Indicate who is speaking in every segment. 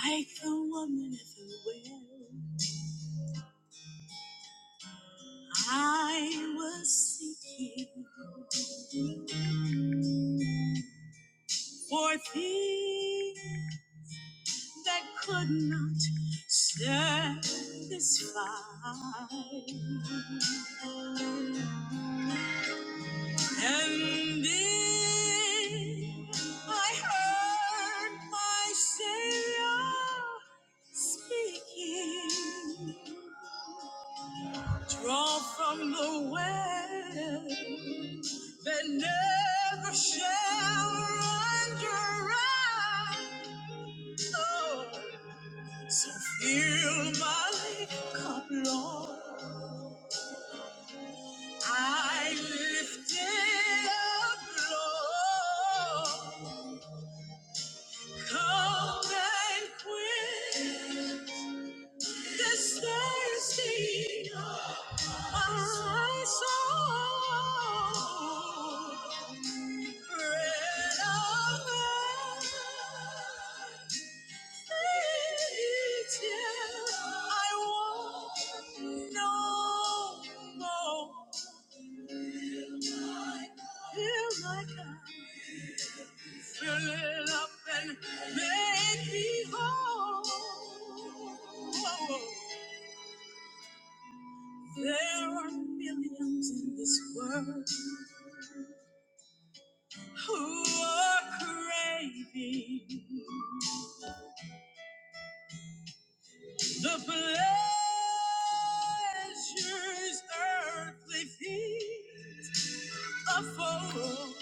Speaker 1: Like the woman at the well, I was seeking for things that could not satisfy. And then I heard my Savior speaking. Draw from the well that never shall run dry. Oh, so fill my cup, Lord. I lift it up, Lord. Come and quit this thirsty, my soul. There are millions in this world who are craving. The pleasures earthly feet afford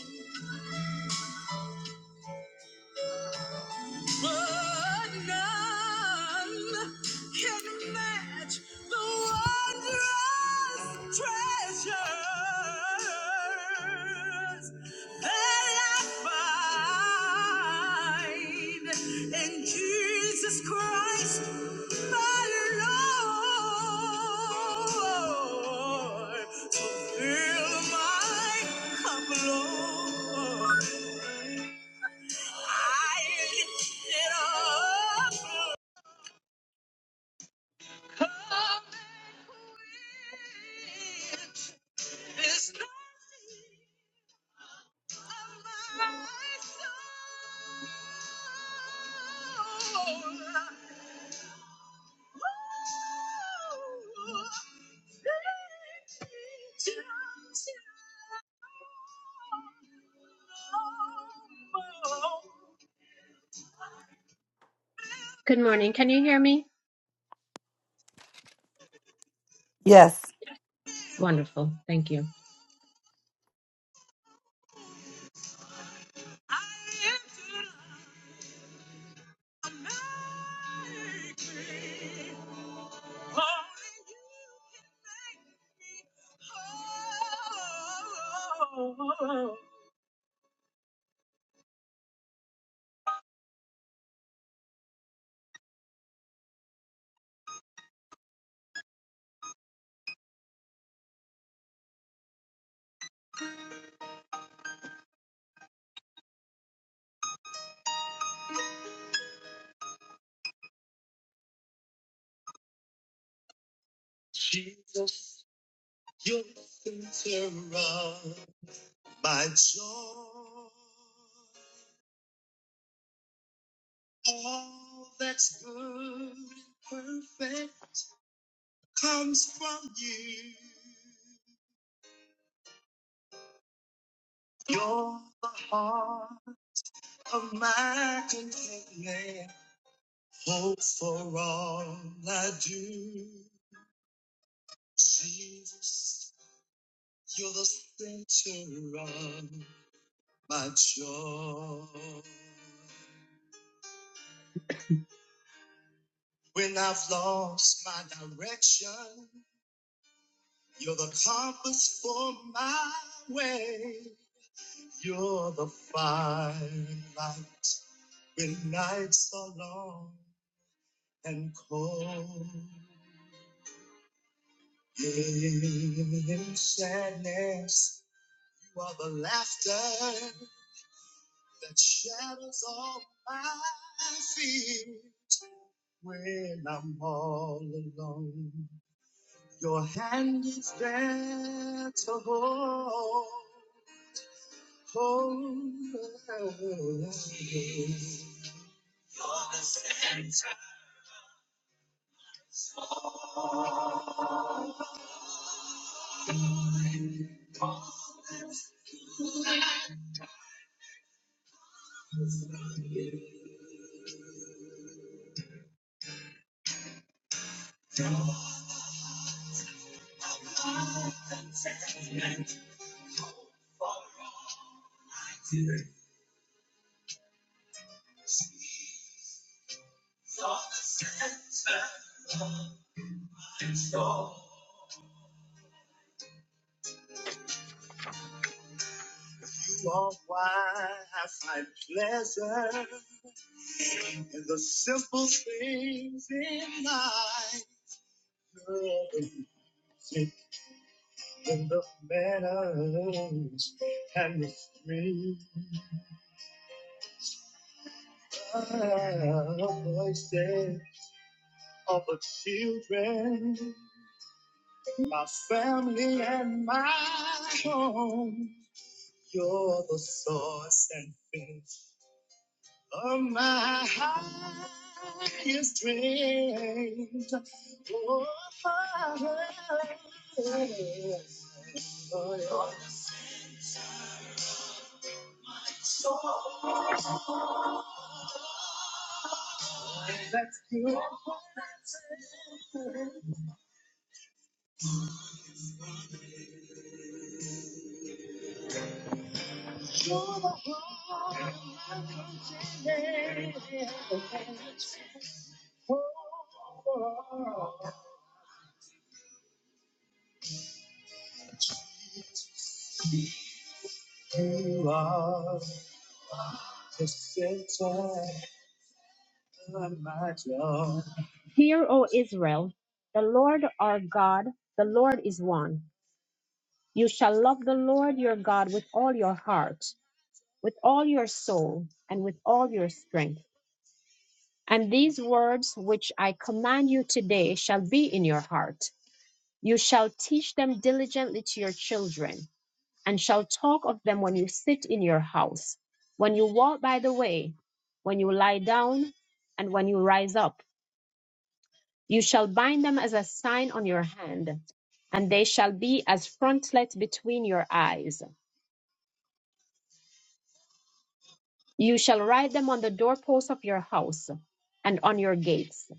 Speaker 1: But none can match the wondrous treasures that I find in Jesus Christ, my Lord. Fulfill my cup, Lord. Good morning. Can you hear me?
Speaker 2: Yes.
Speaker 1: Wonderful. Thank you. Oh, Jesus, you're the center of my joy. All that's good and perfect comes from you. You're the heart of my contentment, hope for all I do. Jesus, You're the center of my joy. When I've lost my direction, you're the compass for my way. You're the firing light when nights are long and cold. In sadness, you are the laughter that shadows all my fears when I'm all alone. Your hand is there to hold. hold. me. You are why I find pleasure in the simple things in life. In the manners and the streams. voices of the children, my family and my home. You're the source and finish of my highest strength. Oh, oh, that's good. You're the heart. Oh, oh, oh. You are the center of my joy. Hear, O Israel, the Lord our God, the Lord is one. You shall love the Lord your God with all your heart, with all your soul, and with all your strength. And these words which I command you today shall be in your heart. You shall teach them diligently to your children and shall talk of them when you sit in your house, when you walk by the way, when you lie down, and when you rise up. You shall bind them as a sign on your hand, and they shall be as frontlets between your eyes. You shall write them on the doorposts of your house and on your gates.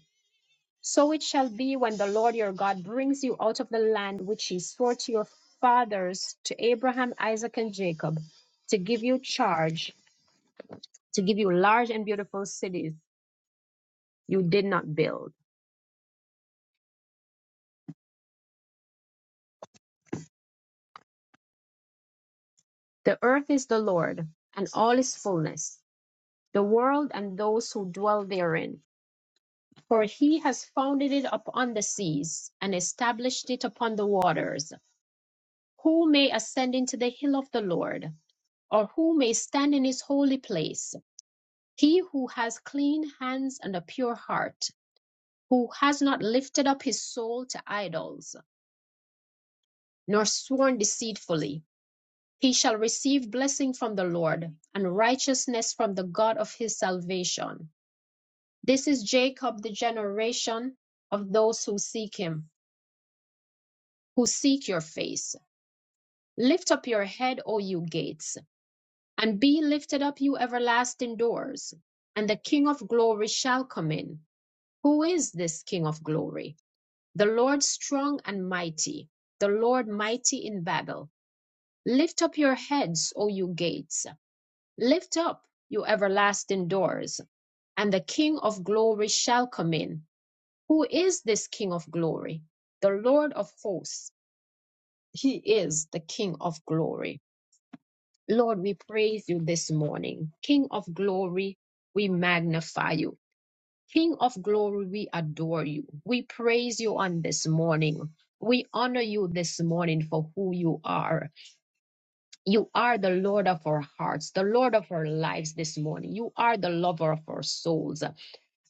Speaker 1: So it shall be when the Lord your God brings you out of the land which he swore to your fathers, to Abraham, Isaac, and Jacob, to give you charge to give you large and beautiful cities you did not build. The earth is the Lord, and all its fullness, the world and those who dwell therein. For he has founded it upon the seas, and established it upon the waters. Who may ascend into the hill of the Lord, or who may stand in his holy place? He who has clean hands and a pure heart, who has not lifted up his soul to idols, nor sworn deceitfully He shall receive blessing from the Lord and righteousness from the God of his salvation. This is Jacob, the generation of those who seek him, who seek your face. Lift up your head, O you gates, and be lifted up, you everlasting doors, and the King of glory shall come in. Who is this King of glory? The Lord strong and mighty, the Lord mighty in battle. Lift up your heads, O you gates Lift up your everlasting doors, and the King of glory shall come in. Who is this King of glory? The Lord of hosts. He is the King of glory. Lord, we praise you this morning. King of glory, we magnify you. King of glory, we adore you. We praise you on this morning. We honor you this morning for who you are. You are the Lord of our hearts, the Lord of our lives this morning. You are the lover of our souls.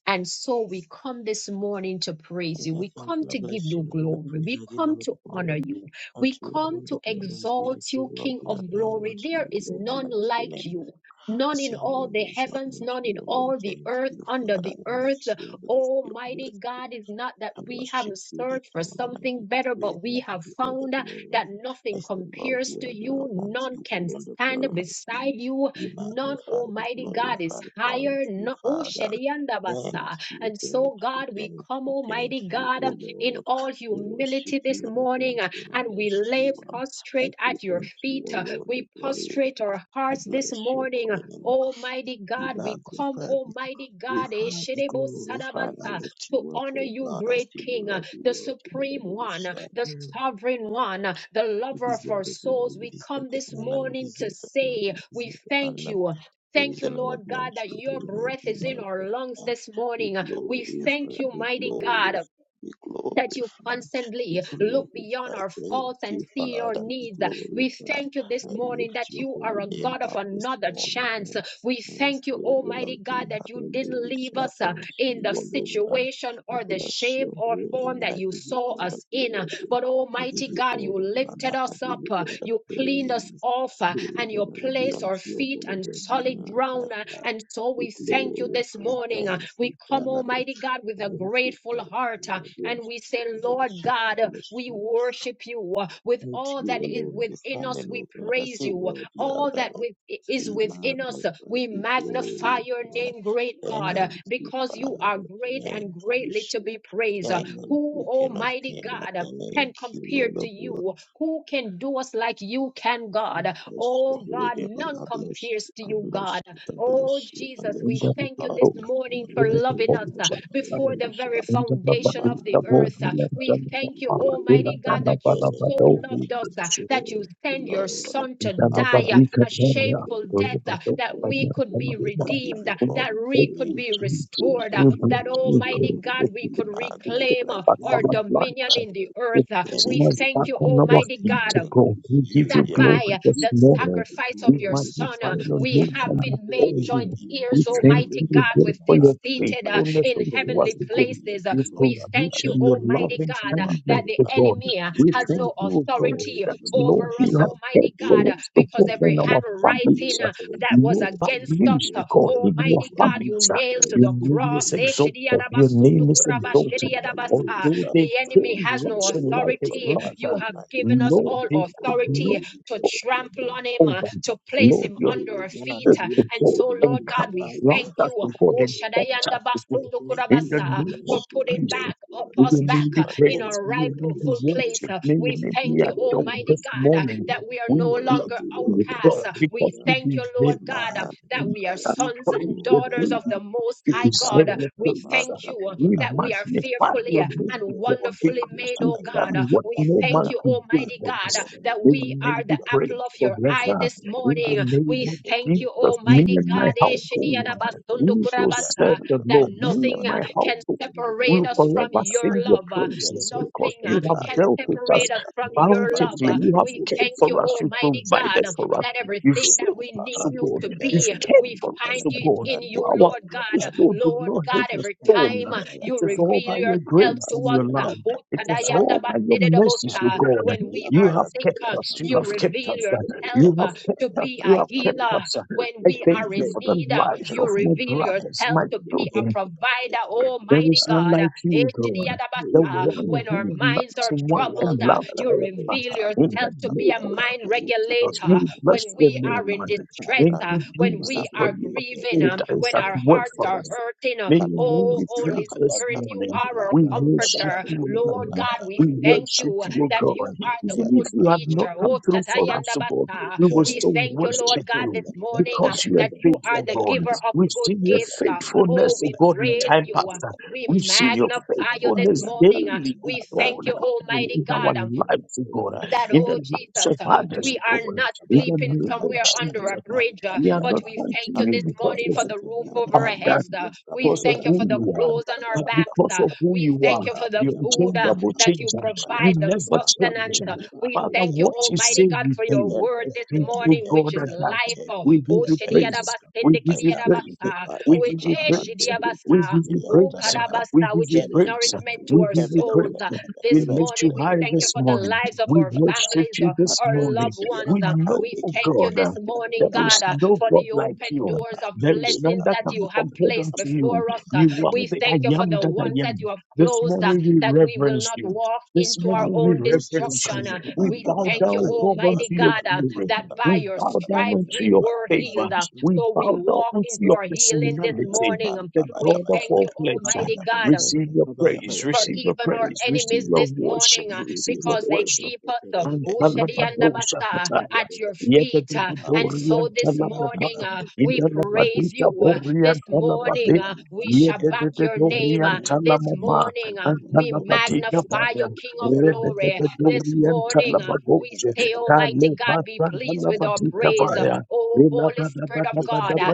Speaker 1: And so we come this morning to praise
Speaker 3: Lord,
Speaker 1: you.
Speaker 3: I
Speaker 1: We
Speaker 3: thank
Speaker 1: come
Speaker 3: you. I
Speaker 1: to give
Speaker 3: bless
Speaker 1: you
Speaker 3: you. I give you
Speaker 1: glory.
Speaker 3: praise.
Speaker 1: We
Speaker 3: I give you all
Speaker 1: come to
Speaker 3: the
Speaker 1: honor
Speaker 3: glory.
Speaker 1: you.
Speaker 3: Unto
Speaker 1: We
Speaker 3: you
Speaker 1: come
Speaker 3: alone the
Speaker 1: to
Speaker 3: glory is due. I
Speaker 1: exalt
Speaker 3: feel
Speaker 1: you,
Speaker 3: Lord,
Speaker 1: King
Speaker 3: we are
Speaker 1: of
Speaker 3: down.
Speaker 1: glory.
Speaker 3: Unto
Speaker 1: There
Speaker 3: you
Speaker 1: is
Speaker 3: alone I
Speaker 1: none
Speaker 3: lift your
Speaker 1: like
Speaker 3: name.
Speaker 1: you.
Speaker 3: I
Speaker 1: None in
Speaker 3: say
Speaker 1: all the
Speaker 3: hallelujah.
Speaker 1: heavens,
Speaker 3: Unto
Speaker 1: none in
Speaker 3: you alone.
Speaker 1: all the
Speaker 3: Thank
Speaker 1: earth,
Speaker 3: you,
Speaker 1: under
Speaker 3: Father.
Speaker 1: the
Speaker 3: I
Speaker 1: earth.
Speaker 3: bless you. I bless you. I
Speaker 1: Almighty
Speaker 3: bless you.
Speaker 1: God is not that
Speaker 3: I
Speaker 1: we
Speaker 3: worship
Speaker 1: haven't
Speaker 3: you this
Speaker 1: searched for
Speaker 3: morning. I
Speaker 1: something
Speaker 3: give you
Speaker 1: better,
Speaker 3: praise
Speaker 1: but
Speaker 3: and
Speaker 1: we
Speaker 3: I give
Speaker 1: have
Speaker 3: you all the
Speaker 1: found
Speaker 3: glory.
Speaker 1: that
Speaker 3: I
Speaker 1: nothing
Speaker 3: say, Lord,
Speaker 1: compares
Speaker 3: the
Speaker 1: to
Speaker 3: honor
Speaker 1: you.
Speaker 3: unto
Speaker 1: None
Speaker 3: you
Speaker 1: can
Speaker 3: alone the
Speaker 1: stand
Speaker 3: glory might be.
Speaker 1: beside you.
Speaker 3: Be
Speaker 1: None,
Speaker 3: magnified, be
Speaker 1: Almighty God, is
Speaker 3: glorified. Thank
Speaker 1: higher.
Speaker 3: you,
Speaker 1: No, oh,
Speaker 3: Father.
Speaker 1: Shedianda
Speaker 3: Thank
Speaker 1: Basa.
Speaker 3: you,
Speaker 1: And
Speaker 3: thank
Speaker 1: so,
Speaker 3: you,
Speaker 1: God, we
Speaker 3: thank
Speaker 1: come,
Speaker 3: you, thank
Speaker 1: Almighty
Speaker 3: you,
Speaker 1: God, um,
Speaker 3: O
Speaker 1: in
Speaker 3: Lord. I
Speaker 1: all
Speaker 3: worship
Speaker 1: humility this
Speaker 3: you and I
Speaker 1: morning,
Speaker 3: thank
Speaker 1: uh,
Speaker 3: you and I
Speaker 1: and we
Speaker 3: bless
Speaker 1: lay
Speaker 3: you. Um, I
Speaker 1: prostrate
Speaker 3: say
Speaker 1: at your
Speaker 3: unto you
Speaker 1: feet. uh,
Speaker 3: alone the
Speaker 1: We
Speaker 3: glory.
Speaker 1: prostrate our
Speaker 3: I
Speaker 1: hearts this
Speaker 3: bless you for
Speaker 1: morning. uh,
Speaker 3: the name
Speaker 1: Almighty
Speaker 3: be
Speaker 1: God, we come,
Speaker 3: magnified, be
Speaker 1: Almighty God, eh,
Speaker 3: glorified, be
Speaker 1: Shedebo
Speaker 3: glorified. I
Speaker 1: Sadabasa,
Speaker 3: lift
Speaker 1: to
Speaker 3: you up,
Speaker 1: honor
Speaker 3: oh
Speaker 1: you,
Speaker 3: God. I
Speaker 1: great
Speaker 3: still
Speaker 1: King, uh,
Speaker 3: will be
Speaker 1: the
Speaker 3: working.
Speaker 1: Supreme One, uh,
Speaker 3: Hallelujah.
Speaker 1: the
Speaker 3: Mm.
Speaker 1: Sovereign One, uh, the
Speaker 3: You
Speaker 1: Lover of
Speaker 3: deserve
Speaker 1: our
Speaker 3: the glory,
Speaker 1: souls.
Speaker 3: you
Speaker 1: We
Speaker 3: deserve
Speaker 1: come
Speaker 3: the
Speaker 1: this
Speaker 3: honor, you
Speaker 1: morning to
Speaker 3: deserve the glory,
Speaker 1: say
Speaker 3: you
Speaker 1: we
Speaker 3: deserve the honor.
Speaker 1: thank you. Thank
Speaker 3: Praise
Speaker 1: you,
Speaker 3: and honor
Speaker 1: Lord
Speaker 3: be unto
Speaker 1: God, that
Speaker 3: your
Speaker 1: your
Speaker 3: holy name,
Speaker 1: breath
Speaker 3: be
Speaker 1: is in our lungs
Speaker 3: magnified,
Speaker 1: this
Speaker 3: be
Speaker 1: morning. Uh, We
Speaker 3: glorified,
Speaker 1: thank you,
Speaker 3: be
Speaker 1: mighty God
Speaker 3: glorified, be
Speaker 1: that you
Speaker 3: glorified, be
Speaker 1: constantly look
Speaker 3: glorified.
Speaker 1: beyond our
Speaker 3: Thank
Speaker 1: faults and
Speaker 3: you,
Speaker 1: see
Speaker 3: Father,
Speaker 1: your
Speaker 3: be
Speaker 1: needs. We
Speaker 3: glorified.
Speaker 1: thank you this
Speaker 3: I
Speaker 1: morning
Speaker 3: lift
Speaker 1: that
Speaker 3: your
Speaker 1: you are
Speaker 3: holy
Speaker 1: a
Speaker 3: name
Speaker 1: God of
Speaker 3: up this
Speaker 1: another
Speaker 3: morning.
Speaker 1: chance.
Speaker 3: And
Speaker 1: We
Speaker 3: I
Speaker 1: thank you,
Speaker 3: say,
Speaker 1: Almighty
Speaker 3: wealthy,
Speaker 1: God, that you didn't leave
Speaker 3: hallelujah,
Speaker 1: us uh,
Speaker 3: unto
Speaker 1: in
Speaker 3: you,
Speaker 1: the
Speaker 3: O Lord.
Speaker 1: situation
Speaker 3: I
Speaker 1: or the
Speaker 3: bless
Speaker 1: shape
Speaker 3: your
Speaker 1: or
Speaker 3: holy name
Speaker 1: form
Speaker 3: and
Speaker 1: that
Speaker 3: I
Speaker 1: you
Speaker 3: give you
Speaker 1: saw
Speaker 3: all the
Speaker 1: us in. uh,
Speaker 3: glory.
Speaker 1: But,
Speaker 3: I give
Speaker 1: Almighty
Speaker 3: you
Speaker 1: God,
Speaker 3: all
Speaker 1: you
Speaker 3: the
Speaker 1: lifted
Speaker 3: honor. I
Speaker 1: us
Speaker 3: give
Speaker 1: up,
Speaker 3: you
Speaker 1: uh,
Speaker 3: all the
Speaker 1: you cleaned us
Speaker 3: praise
Speaker 1: off, uh,
Speaker 3: praise
Speaker 1: and
Speaker 3: and
Speaker 1: you
Speaker 3: honor be
Speaker 1: placed our
Speaker 3: unto your
Speaker 1: feet
Speaker 3: holy
Speaker 1: on
Speaker 3: name, be
Speaker 1: solid ground. uh,
Speaker 3: magnified,
Speaker 1: And so
Speaker 3: be
Speaker 1: we thank you this
Speaker 3: glorified.
Speaker 1: morning. uh,
Speaker 3: Thank you,
Speaker 1: We come,
Speaker 3: Father.
Speaker 1: Almighty God, with a
Speaker 3: Thank you,
Speaker 1: grateful
Speaker 3: King of
Speaker 1: heart.
Speaker 3: Kings.
Speaker 1: uh,
Speaker 3: I
Speaker 1: and
Speaker 3: bless
Speaker 1: we
Speaker 3: you,
Speaker 1: say,
Speaker 3: I bless
Speaker 1: Lord
Speaker 3: you, I
Speaker 1: God, uh,
Speaker 3: bless
Speaker 1: we
Speaker 3: you.
Speaker 1: worship you uh, with
Speaker 3: Thank
Speaker 1: all
Speaker 3: you
Speaker 1: that is
Speaker 3: alone this
Speaker 1: within us.
Speaker 3: morning, O
Speaker 1: We
Speaker 3: God. I
Speaker 1: praise
Speaker 3: say,
Speaker 1: you. uh,
Speaker 3: world, yeah,
Speaker 1: All that
Speaker 3: thou
Speaker 1: with, i- is
Speaker 3: be
Speaker 1: within us, uh,
Speaker 3: magnified,
Speaker 1: we
Speaker 3: be
Speaker 1: magnify your
Speaker 3: glorified.
Speaker 1: name, great
Speaker 3: Thank
Speaker 1: God, uh,
Speaker 3: you,
Speaker 1: because you
Speaker 3: Father.
Speaker 1: are great and
Speaker 3: Thank you,
Speaker 1: greatly
Speaker 3: Sh-
Speaker 1: to be praised. Uh,
Speaker 3: Thank
Speaker 1: Who,
Speaker 3: you, King of
Speaker 1: Almighty
Speaker 3: Kings.
Speaker 1: God, uh,
Speaker 3: Thank
Speaker 1: can
Speaker 3: you,
Speaker 1: compare
Speaker 3: Lord
Speaker 1: to
Speaker 3: of Lords.
Speaker 1: you? Who can do us like you can, God?
Speaker 3: Bless your
Speaker 1: Oh
Speaker 3: holy
Speaker 1: God,
Speaker 3: name, and
Speaker 1: none
Speaker 3: I bless you,
Speaker 1: compares to
Speaker 3: I
Speaker 1: you, God.
Speaker 3: bless you, I
Speaker 1: Oh,
Speaker 3: bless you, I
Speaker 1: Jesus,
Speaker 3: lift
Speaker 4: Thank
Speaker 1: we
Speaker 3: you
Speaker 1: thank you
Speaker 3: up,
Speaker 1: this
Speaker 3: bless you,
Speaker 1: morning
Speaker 3: I
Speaker 1: for
Speaker 3: bless
Speaker 1: loving
Speaker 3: you, I
Speaker 1: us
Speaker 3: love
Speaker 1: uh,
Speaker 3: you,
Speaker 1: before the very
Speaker 3: hallelujah. You
Speaker 1: foundation of the earth. uh.
Speaker 3: magnify,
Speaker 1: We
Speaker 3: you
Speaker 1: thank you,
Speaker 3: glory,
Speaker 1: Almighty God, that you
Speaker 3: thank
Speaker 1: so
Speaker 3: you,
Speaker 4: you.
Speaker 1: loved us, uh,
Speaker 3: Jesus, thank
Speaker 1: that you
Speaker 3: you,
Speaker 1: sent your
Speaker 3: Lord.
Speaker 1: Son to
Speaker 3: I
Speaker 1: die uh,
Speaker 3: bless
Speaker 1: a
Speaker 3: your holy
Speaker 1: shameful
Speaker 3: name, and
Speaker 1: death,
Speaker 3: I give
Speaker 1: uh,
Speaker 3: you
Speaker 1: that
Speaker 3: all
Speaker 1: we could
Speaker 3: the
Speaker 1: be
Speaker 3: glory, I give
Speaker 1: redeemed,
Speaker 3: you
Speaker 1: uh,
Speaker 4: We
Speaker 3: all
Speaker 1: that
Speaker 3: the
Speaker 1: we could
Speaker 3: praise,
Speaker 1: be
Speaker 4: Jesus.
Speaker 3: praise
Speaker 1: restored,
Speaker 3: and
Speaker 1: uh,
Speaker 4: We
Speaker 3: honor
Speaker 4: bless
Speaker 1: that,
Speaker 3: be unto
Speaker 4: you,
Speaker 3: your
Speaker 1: Almighty
Speaker 4: God.
Speaker 3: holy
Speaker 1: God,
Speaker 4: We
Speaker 3: name,
Speaker 1: we
Speaker 3: you
Speaker 4: thank
Speaker 1: could
Speaker 4: you for
Speaker 1: reclaim
Speaker 3: magnify,
Speaker 1: uh,
Speaker 4: Back
Speaker 3: thank
Speaker 1: our
Speaker 4: on our
Speaker 3: you,
Speaker 1: dominion
Speaker 4: lives,
Speaker 1: in the
Speaker 3: Father,
Speaker 4: we
Speaker 1: earth. uh.
Speaker 3: thank
Speaker 1: We
Speaker 4: bring us
Speaker 3: you,
Speaker 1: thank
Speaker 4: back
Speaker 3: King
Speaker 1: you,
Speaker 3: of
Speaker 4: on our
Speaker 1: Almighty
Speaker 3: Kings,
Speaker 4: feet,
Speaker 1: God.
Speaker 4: to
Speaker 1: uh,
Speaker 3: thank
Speaker 4: God.
Speaker 3: you,
Speaker 4: We give you
Speaker 1: that
Speaker 3: Savior.
Speaker 4: glory
Speaker 1: by
Speaker 4: this
Speaker 3: You
Speaker 1: the
Speaker 3: deserve
Speaker 4: morning.
Speaker 3: the
Speaker 1: sacrifice of
Speaker 4: We
Speaker 3: glory.
Speaker 1: your
Speaker 3: You
Speaker 1: son,
Speaker 4: magnify
Speaker 1: uh,
Speaker 3: deserve
Speaker 4: your
Speaker 3: the
Speaker 1: we
Speaker 3: honor.
Speaker 4: name
Speaker 3: And
Speaker 1: have
Speaker 4: and
Speaker 3: I
Speaker 1: been made
Speaker 4: adore
Speaker 3: praise
Speaker 1: joint
Speaker 4: you.
Speaker 3: you
Speaker 4: We
Speaker 1: heirs,
Speaker 3: to your
Speaker 4: thank
Speaker 3: holy
Speaker 1: Almighty
Speaker 4: you,
Speaker 3: name.
Speaker 1: God,
Speaker 3: Be
Speaker 4: God,
Speaker 1: with
Speaker 4: for
Speaker 1: him
Speaker 4: your
Speaker 1: seated
Speaker 3: magnified.
Speaker 1: uh,
Speaker 4: faithfulness
Speaker 1: in
Speaker 4: unto us,
Speaker 1: heavenly
Speaker 3: Thank
Speaker 4: God.
Speaker 3: you.
Speaker 1: places.
Speaker 3: Yes,
Speaker 1: Uh,
Speaker 4: Your
Speaker 3: Lord.
Speaker 1: We
Speaker 3: I
Speaker 1: thank you,
Speaker 3: bless
Speaker 4: provision, your
Speaker 3: you. I
Speaker 1: Almighty
Speaker 4: loving
Speaker 3: lift
Speaker 1: God,
Speaker 3: you
Speaker 1: uh,
Speaker 3: up,
Speaker 1: that
Speaker 4: kindness,
Speaker 3: oh
Speaker 1: the
Speaker 4: to
Speaker 3: God.
Speaker 4: God.
Speaker 1: enemy uh,
Speaker 3: I
Speaker 4: We
Speaker 3: say
Speaker 1: has
Speaker 4: thank
Speaker 1: no
Speaker 3: thank you.
Speaker 4: you,
Speaker 3: Thank
Speaker 4: God,
Speaker 1: authority
Speaker 3: you.
Speaker 4: that no
Speaker 3: Hallelujah.
Speaker 1: over
Speaker 4: you
Speaker 1: us,
Speaker 4: have
Speaker 3: Thank
Speaker 4: care
Speaker 1: Almighty
Speaker 3: you.
Speaker 4: for
Speaker 1: God, uh,
Speaker 4: us, to
Speaker 3: Thank
Speaker 1: because
Speaker 4: God, and
Speaker 1: every
Speaker 3: you.
Speaker 4: our
Speaker 3: Thank you.
Speaker 4: families.
Speaker 1: handwriting
Speaker 4: uh,
Speaker 1: uh,
Speaker 3: Thank
Speaker 1: that was
Speaker 4: No
Speaker 3: you.
Speaker 4: bad
Speaker 1: against us,
Speaker 4: news, to
Speaker 1: uh,
Speaker 4: God,
Speaker 3: Thank
Speaker 4: even our
Speaker 3: you.
Speaker 1: Almighty God, you
Speaker 4: families. uh,
Speaker 1: nailed to
Speaker 3: Bless
Speaker 4: Your
Speaker 1: the
Speaker 3: your
Speaker 4: name
Speaker 3: holy
Speaker 4: is
Speaker 1: cross.
Speaker 3: name,
Speaker 1: Eh,
Speaker 3: oh God.
Speaker 4: exalted.
Speaker 3: I
Speaker 4: Your
Speaker 3: say
Speaker 4: name is
Speaker 3: Lord, you are
Speaker 4: exalted.
Speaker 3: welcome.
Speaker 1: shidiyadabasundukurabashidiyadabasa.
Speaker 4: Although
Speaker 3: Hallelujah.
Speaker 4: they
Speaker 1: The enemy
Speaker 4: came
Speaker 1: has
Speaker 3: Unto you,
Speaker 1: no
Speaker 3: O
Speaker 4: rushing
Speaker 3: Lord,
Speaker 4: like
Speaker 3: the
Speaker 4: a
Speaker 3: blood
Speaker 1: authority.
Speaker 4: flood,
Speaker 3: must
Speaker 1: You
Speaker 3: be
Speaker 4: uh,
Speaker 1: have
Speaker 3: my aid.
Speaker 1: given us
Speaker 3: You
Speaker 4: Lord,
Speaker 1: all
Speaker 4: they
Speaker 3: deserve the
Speaker 4: could
Speaker 3: glory.
Speaker 4: not
Speaker 1: authority
Speaker 3: You
Speaker 1: to
Speaker 3: deserve the
Speaker 1: trample
Speaker 3: honor
Speaker 1: on him, uh,
Speaker 4: over.
Speaker 1: to place
Speaker 4: Lord,
Speaker 1: him under our
Speaker 3: praise and
Speaker 1: feet.
Speaker 3: honor
Speaker 4: us
Speaker 1: uh,
Speaker 3: be
Speaker 4: to
Speaker 3: unto
Speaker 1: And
Speaker 4: go
Speaker 3: your
Speaker 1: so,
Speaker 3: holy
Speaker 4: and
Speaker 1: Lord
Speaker 3: name,
Speaker 4: come
Speaker 1: God, we
Speaker 3: divine
Speaker 4: round
Speaker 3: and
Speaker 1: thank
Speaker 4: us
Speaker 1: you uh,
Speaker 4: to
Speaker 3: precious
Speaker 4: God
Speaker 1: oh,
Speaker 3: Lord.
Speaker 4: and touch us
Speaker 1: Shadayanda
Speaker 4: to
Speaker 3: I
Speaker 4: God.
Speaker 1: Basundu
Speaker 3: thank
Speaker 4: In
Speaker 3: you
Speaker 4: the
Speaker 3: and
Speaker 1: Kurabasa,
Speaker 3: I
Speaker 1: uh,
Speaker 4: name of
Speaker 1: for
Speaker 3: bless you. I
Speaker 1: putting
Speaker 3: thank
Speaker 4: Jesus,
Speaker 1: back
Speaker 3: you
Speaker 1: up
Speaker 3: and I
Speaker 4: may
Speaker 1: us
Speaker 4: your
Speaker 1: back
Speaker 3: bless
Speaker 4: name be
Speaker 3: you.
Speaker 1: uh,
Speaker 3: I
Speaker 1: in
Speaker 3: thank
Speaker 4: praised,
Speaker 1: our
Speaker 4: may
Speaker 3: you
Speaker 4: your
Speaker 3: and I
Speaker 1: rightful
Speaker 4: name be
Speaker 3: bless you.
Speaker 1: place.
Speaker 4: worshipped,
Speaker 1: uh.
Speaker 4: may your
Speaker 1: We
Speaker 3: On
Speaker 4: name
Speaker 3: you,
Speaker 4: be
Speaker 1: thank
Speaker 3: O
Speaker 1: you,
Speaker 3: Lord,
Speaker 4: adored
Speaker 3: people
Speaker 1: Almighty
Speaker 4: this
Speaker 3: like
Speaker 1: God, uh,
Speaker 4: morning.
Speaker 3: you,
Speaker 1: that
Speaker 3: and
Speaker 1: we are
Speaker 3: the
Speaker 4: We
Speaker 1: no
Speaker 4: bless
Speaker 3: world,
Speaker 1: longer
Speaker 3: the world,
Speaker 4: you,
Speaker 3: the
Speaker 1: outcasts.
Speaker 4: God,
Speaker 1: uh. We
Speaker 4: because
Speaker 3: hallelujah.
Speaker 4: you
Speaker 1: thank you,
Speaker 4: deserve
Speaker 1: Lord God, uh,
Speaker 3: Iman
Speaker 1: that we are
Speaker 3: reflect
Speaker 4: that
Speaker 1: sons and
Speaker 3: equal
Speaker 1: daughters of
Speaker 4: praise
Speaker 1: the
Speaker 3: reflect
Speaker 1: Most
Speaker 4: you
Speaker 1: High God.
Speaker 4: deserve
Speaker 1: uh.
Speaker 3: ikaya
Speaker 4: your
Speaker 1: We
Speaker 4: praise.
Speaker 1: thank
Speaker 3: kamanda
Speaker 1: you uh,
Speaker 3: kamanda
Speaker 4: We
Speaker 1: that we are
Speaker 3: busia
Speaker 4: magnify
Speaker 3: andi
Speaker 1: fearfully
Speaker 4: your
Speaker 1: uh,
Speaker 4: name,
Speaker 3: kibiri
Speaker 1: and
Speaker 4: O
Speaker 3: kibiri
Speaker 4: God,
Speaker 1: wonderfully
Speaker 3: indi
Speaker 4: because
Speaker 1: made,
Speaker 4: you've
Speaker 1: oh
Speaker 3: kanaya
Speaker 1: God. Uh,
Speaker 4: done what
Speaker 1: We
Speaker 4: no
Speaker 1: thank
Speaker 4: man
Speaker 3: kanchara
Speaker 1: you,
Speaker 4: could do
Speaker 1: Almighty
Speaker 3: kamandi
Speaker 4: for
Speaker 1: God, uh,
Speaker 4: us.
Speaker 3: kibiri
Speaker 4: May
Speaker 1: that
Speaker 3: kibiri
Speaker 4: your
Speaker 3: wala
Speaker 1: we
Speaker 3: wala
Speaker 1: are
Speaker 4: name be
Speaker 1: the
Speaker 3: wala wala
Speaker 4: praised
Speaker 1: apple of your
Speaker 3: wala
Speaker 1: eye
Speaker 4: forever.
Speaker 1: this
Speaker 3: wala
Speaker 4: In
Speaker 3: wala
Speaker 4: the
Speaker 1: morning. Uh,
Speaker 4: name
Speaker 1: We
Speaker 4: of
Speaker 3: indi
Speaker 1: thank
Speaker 3: kibiri
Speaker 1: you,
Speaker 4: Jesus,
Speaker 3: kibiri
Speaker 4: me
Speaker 1: Almighty
Speaker 3: indi
Speaker 4: and my
Speaker 3: kibiri
Speaker 1: God, eh,
Speaker 3: kibiri
Speaker 4: household,
Speaker 3: indi kibiri kibiri
Speaker 4: we will
Speaker 3: ya
Speaker 4: serve
Speaker 1: shidiyadabasundukurabasa,
Speaker 4: the
Speaker 1: that
Speaker 4: Lord.
Speaker 3: kamanda
Speaker 4: Me and
Speaker 1: nothing
Speaker 3: kamanda
Speaker 1: uh,
Speaker 4: my
Speaker 3: bani
Speaker 1: can
Speaker 4: household
Speaker 3: kundu bora
Speaker 1: separate
Speaker 4: will
Speaker 1: us from
Speaker 4: forever
Speaker 3: busia
Speaker 1: your
Speaker 4: sing your
Speaker 1: love.
Speaker 3: andi
Speaker 1: uh,
Speaker 3: kibiri
Speaker 4: praises
Speaker 3: kibiri
Speaker 4: because
Speaker 1: Nothing
Speaker 4: you
Speaker 1: uh,
Speaker 4: have
Speaker 1: can
Speaker 3: ikaya
Speaker 4: dealt with us
Speaker 1: separate us
Speaker 3: kamanda
Speaker 1: from your
Speaker 3: kamanda
Speaker 1: love.
Speaker 4: bountifully.
Speaker 1: uh.
Speaker 4: You
Speaker 3: kamanda
Speaker 4: have
Speaker 1: We
Speaker 4: cared
Speaker 1: thank
Speaker 3: busia
Speaker 1: you,
Speaker 4: for us. You've
Speaker 1: Almighty
Speaker 3: andi
Speaker 4: provided
Speaker 1: God,
Speaker 3: kibiri
Speaker 1: uh,
Speaker 4: for us.
Speaker 1: that
Speaker 4: You've
Speaker 1: everything
Speaker 4: saved
Speaker 1: that we
Speaker 3: Ipapa
Speaker 4: us,
Speaker 1: need
Speaker 4: O
Speaker 1: you
Speaker 4: God.
Speaker 1: to
Speaker 4: You've
Speaker 1: be,
Speaker 3: andikebelebe
Speaker 4: cared
Speaker 1: we
Speaker 4: for
Speaker 1: find
Speaker 3: andikebelebe
Speaker 1: it
Speaker 4: us,
Speaker 1: in you,
Speaker 4: O God
Speaker 1: Lord
Speaker 3: andikebelebe
Speaker 1: God.
Speaker 4: who did
Speaker 1: Lord
Speaker 4: not
Speaker 3: andikebelebe
Speaker 4: hit
Speaker 1: God,
Speaker 4: the
Speaker 1: every
Speaker 4: stone.
Speaker 3: etanda
Speaker 1: time uh,
Speaker 4: It
Speaker 1: you
Speaker 3: kayaka
Speaker 4: is all
Speaker 1: reveal
Speaker 4: by
Speaker 3: kabanda
Speaker 4: your
Speaker 1: yourself
Speaker 4: grace
Speaker 1: to
Speaker 4: and
Speaker 1: us,
Speaker 4: your
Speaker 3: balabasiya
Speaker 1: uh,
Speaker 4: love.
Speaker 3: yanta
Speaker 4: It is
Speaker 1: Utadayanda
Speaker 4: all by your
Speaker 3: kabalabalabalaba
Speaker 4: mercies, O God.
Speaker 1: when
Speaker 3: makobosiya
Speaker 1: we
Speaker 4: You
Speaker 1: are
Speaker 4: have
Speaker 3: palanda
Speaker 1: sick,
Speaker 4: kept
Speaker 1: uh,
Speaker 4: us. You
Speaker 3: yakaba
Speaker 1: you
Speaker 4: have kept
Speaker 1: reveal
Speaker 4: us.
Speaker 3: andikebelebe
Speaker 1: yourself
Speaker 4: You have
Speaker 3: yanta
Speaker 1: uh,
Speaker 4: kept
Speaker 1: to
Speaker 4: us.
Speaker 1: be
Speaker 3: kabanda
Speaker 4: You
Speaker 1: a
Speaker 4: have
Speaker 3: balabu
Speaker 4: kept
Speaker 1: healer.
Speaker 4: us.
Speaker 1: When
Speaker 4: I
Speaker 1: we
Speaker 3: ekebelebe
Speaker 4: thank
Speaker 1: are
Speaker 4: you
Speaker 1: in
Speaker 4: for the
Speaker 3: hebelebe
Speaker 1: need, uh,
Speaker 4: lives
Speaker 1: you
Speaker 4: of my
Speaker 3: hebelebe
Speaker 1: reveal
Speaker 4: brothers,
Speaker 1: yourself
Speaker 4: my
Speaker 1: to
Speaker 3: hebelebe
Speaker 1: be a
Speaker 4: children.
Speaker 1: provider,
Speaker 4: There
Speaker 1: Almighty
Speaker 3: yanta
Speaker 4: is none
Speaker 1: God. Uh,
Speaker 4: like you, O God.
Speaker 3: Thank
Speaker 4: The
Speaker 1: Eshidiyadabata,
Speaker 4: one
Speaker 1: When our
Speaker 4: who
Speaker 1: minds
Speaker 4: loves
Speaker 1: are
Speaker 4: one and
Speaker 1: troubled, uh,
Speaker 4: loves
Speaker 1: you
Speaker 4: all.
Speaker 1: reveal
Speaker 4: In the
Speaker 1: yourself to be
Speaker 4: name
Speaker 1: a
Speaker 4: of
Speaker 1: mind regulator
Speaker 4: we bless
Speaker 1: when
Speaker 4: your
Speaker 1: we are
Speaker 4: name.
Speaker 1: in distress,
Speaker 4: Thank
Speaker 1: uh,
Speaker 4: you,
Speaker 1: when we
Speaker 4: Jesus, for
Speaker 1: are
Speaker 4: your
Speaker 1: grieving,
Speaker 4: spirit
Speaker 1: um,
Speaker 4: that is
Speaker 1: when
Speaker 4: at
Speaker 1: our
Speaker 4: work
Speaker 1: hearts
Speaker 4: for
Speaker 1: are
Speaker 4: us.
Speaker 1: hurting. uh,
Speaker 4: May your name
Speaker 1: oh,
Speaker 4: be
Speaker 1: Holy
Speaker 4: praised this
Speaker 1: Spirit, you
Speaker 4: morning.
Speaker 1: are our
Speaker 4: We worship
Speaker 1: comforter.
Speaker 4: you, O
Speaker 1: Lord
Speaker 4: God.
Speaker 1: God, we
Speaker 4: We
Speaker 1: thank
Speaker 4: worship
Speaker 1: you uh,
Speaker 4: you, O
Speaker 1: that you
Speaker 4: God.
Speaker 1: are the
Speaker 4: Even if
Speaker 1: good
Speaker 4: you have not
Speaker 3: you.
Speaker 1: teacher. Oh,
Speaker 4: come through for us, O God,
Speaker 1: Shatayandabasa.
Speaker 4: we will
Speaker 1: We
Speaker 4: still
Speaker 1: thank you, Lord
Speaker 4: worship
Speaker 1: God,
Speaker 4: you
Speaker 1: this morning uh,
Speaker 4: because you are
Speaker 1: that you are
Speaker 4: faithful,
Speaker 1: the
Speaker 4: God.
Speaker 1: giver of
Speaker 4: We've
Speaker 1: good
Speaker 4: seen your
Speaker 1: gifts. uh, Oh,
Speaker 4: faithfulness, O
Speaker 1: we
Speaker 4: God, in
Speaker 1: praise
Speaker 4: time
Speaker 1: you. uh,
Speaker 4: past.
Speaker 1: We
Speaker 4: We've seen
Speaker 3: Thank
Speaker 4: your
Speaker 1: magnify you this
Speaker 4: faithfulness
Speaker 1: morning. uh,
Speaker 4: daily, O
Speaker 1: We thank
Speaker 4: God,
Speaker 1: you,
Speaker 4: happening
Speaker 1: Almighty
Speaker 4: in our
Speaker 1: God. um,
Speaker 4: lives, O God
Speaker 1: that,
Speaker 4: in the
Speaker 1: oh
Speaker 4: lives
Speaker 1: Jesus,
Speaker 4: of
Speaker 1: uh,
Speaker 4: others,
Speaker 1: we
Speaker 4: oh
Speaker 1: are
Speaker 4: God,
Speaker 1: not
Speaker 4: in the
Speaker 1: sleeping
Speaker 4: name of
Speaker 1: somewhere under a
Speaker 4: Jesus.
Speaker 1: bridge, uh,
Speaker 4: We are
Speaker 1: but
Speaker 4: not
Speaker 1: we thank
Speaker 4: thanking
Speaker 1: you
Speaker 4: you
Speaker 1: this morning for
Speaker 4: because
Speaker 1: the roof
Speaker 4: of
Speaker 1: over our heads. uh, We
Speaker 4: because of
Speaker 1: thank you
Speaker 4: who
Speaker 1: for the
Speaker 4: you are.
Speaker 1: clothes on our
Speaker 4: But
Speaker 1: backs.
Speaker 4: because
Speaker 1: uh,
Speaker 4: of who
Speaker 1: We
Speaker 4: you
Speaker 1: thank
Speaker 4: are,
Speaker 1: you for the
Speaker 4: the
Speaker 1: food uh,
Speaker 4: unchangeable
Speaker 1: that you
Speaker 4: changer, you
Speaker 1: provide, the
Speaker 4: never change.
Speaker 1: sustenance. uh, We
Speaker 4: Father,
Speaker 1: thank you,
Speaker 4: what you say
Speaker 1: Almighty God,
Speaker 4: you
Speaker 1: for your
Speaker 4: do,
Speaker 1: word
Speaker 4: a
Speaker 1: this
Speaker 4: faithful
Speaker 1: morning, which
Speaker 4: God
Speaker 1: is
Speaker 4: at that.
Speaker 1: life. uh,
Speaker 4: We give
Speaker 1: oh,
Speaker 4: you praise. We give you praise.
Speaker 1: shediyabasendekidiyatabasa,
Speaker 4: We give
Speaker 1: Which
Speaker 4: you
Speaker 1: is
Speaker 4: praise. We
Speaker 1: shediyabasa,
Speaker 4: give you
Speaker 1: oh,
Speaker 4: praise.
Speaker 3: you.
Speaker 4: We
Speaker 1: kadabasa,
Speaker 4: give
Speaker 1: which
Speaker 4: you
Speaker 1: is
Speaker 3: Matunda
Speaker 4: praise.
Speaker 1: nourishment to
Speaker 4: We
Speaker 1: our
Speaker 4: give you
Speaker 1: souls.
Speaker 4: praise.
Speaker 1: uh.
Speaker 4: We
Speaker 1: This
Speaker 4: lift
Speaker 1: morning,
Speaker 4: you
Speaker 1: we
Speaker 4: high
Speaker 1: thank you
Speaker 4: this
Speaker 1: for the
Speaker 4: morning.
Speaker 1: lives of
Speaker 4: We
Speaker 1: our
Speaker 4: worship
Speaker 1: families, uh,
Speaker 4: you this
Speaker 1: our
Speaker 4: morning.
Speaker 1: loved ones.
Speaker 4: We
Speaker 1: uh.
Speaker 4: know,
Speaker 1: We
Speaker 4: oh
Speaker 1: thank you
Speaker 4: God,
Speaker 1: this morning,
Speaker 4: there
Speaker 1: God,
Speaker 4: is
Speaker 1: uh,
Speaker 4: no
Speaker 1: for the
Speaker 4: God like
Speaker 1: open
Speaker 4: you.
Speaker 1: doors of
Speaker 4: There is none
Speaker 1: blessings
Speaker 4: that
Speaker 1: that
Speaker 4: can be
Speaker 1: you have
Speaker 4: compared unto
Speaker 1: placed
Speaker 4: you.
Speaker 1: before us. uh.
Speaker 4: You are
Speaker 1: We
Speaker 4: the I
Speaker 1: thank you for
Speaker 4: am
Speaker 1: the
Speaker 4: that
Speaker 1: ones
Speaker 4: I
Speaker 1: that
Speaker 4: am.
Speaker 1: you have
Speaker 4: This
Speaker 1: closed, uh,
Speaker 4: morning we
Speaker 1: that we will
Speaker 4: reverence
Speaker 1: not
Speaker 4: you.
Speaker 1: walk
Speaker 4: This
Speaker 1: into our
Speaker 4: morning we
Speaker 1: own
Speaker 4: reverence you.
Speaker 1: destruction. uh.
Speaker 4: We
Speaker 1: We
Speaker 4: bow
Speaker 1: thank you,
Speaker 4: down, God, unto
Speaker 1: Almighty
Speaker 4: your
Speaker 1: God, uh,
Speaker 4: glory.
Speaker 1: that by
Speaker 4: We
Speaker 1: your
Speaker 4: bow down
Speaker 1: stripes
Speaker 4: unto
Speaker 1: we
Speaker 4: your
Speaker 1: were
Speaker 4: favor.
Speaker 1: healed. uh.
Speaker 4: We
Speaker 1: So we
Speaker 4: bow down
Speaker 1: walk
Speaker 4: unto
Speaker 1: into
Speaker 4: your
Speaker 1: our healing this
Speaker 4: personality,
Speaker 1: morning. Um,
Speaker 4: the
Speaker 1: We
Speaker 4: God of
Speaker 1: thank
Speaker 4: all
Speaker 1: you,
Speaker 4: flesh.
Speaker 1: Almighty God. um,
Speaker 4: Receive your praise,
Speaker 1: for
Speaker 4: receive your
Speaker 1: even our
Speaker 4: praise, receive
Speaker 1: enemies
Speaker 4: your
Speaker 1: this
Speaker 4: worship,
Speaker 1: morning uh,
Speaker 3: Ikaya,
Speaker 4: receive your
Speaker 1: because they
Speaker 4: worship.
Speaker 1: keep us uh,
Speaker 4: And Talabadosha
Speaker 1: Ushadiyandabasa,
Speaker 4: Mataya.
Speaker 1: at your
Speaker 4: Yet the
Speaker 1: feet. uh, and so
Speaker 4: Badorian
Speaker 1: this
Speaker 4: Talababa.
Speaker 1: morning uh, we praise
Speaker 4: Intalabadita
Speaker 1: you. uh, this morning
Speaker 4: Orientalabadi,
Speaker 1: uh, we shabak your name. uh, this
Speaker 4: Yedededorientalamama,
Speaker 1: morning uh, we
Speaker 4: Antalabadita
Speaker 1: magnify
Speaker 4: Baya,
Speaker 1: you, King of glory. This morning uh, we
Speaker 4: Rebededorientalabadoce,
Speaker 1: say, Almighty God, be pleased with our
Speaker 4: Kalebasantalabadika
Speaker 1: praise. uh,
Speaker 4: Baya,
Speaker 1: oh, Holy Spirit of God, uh,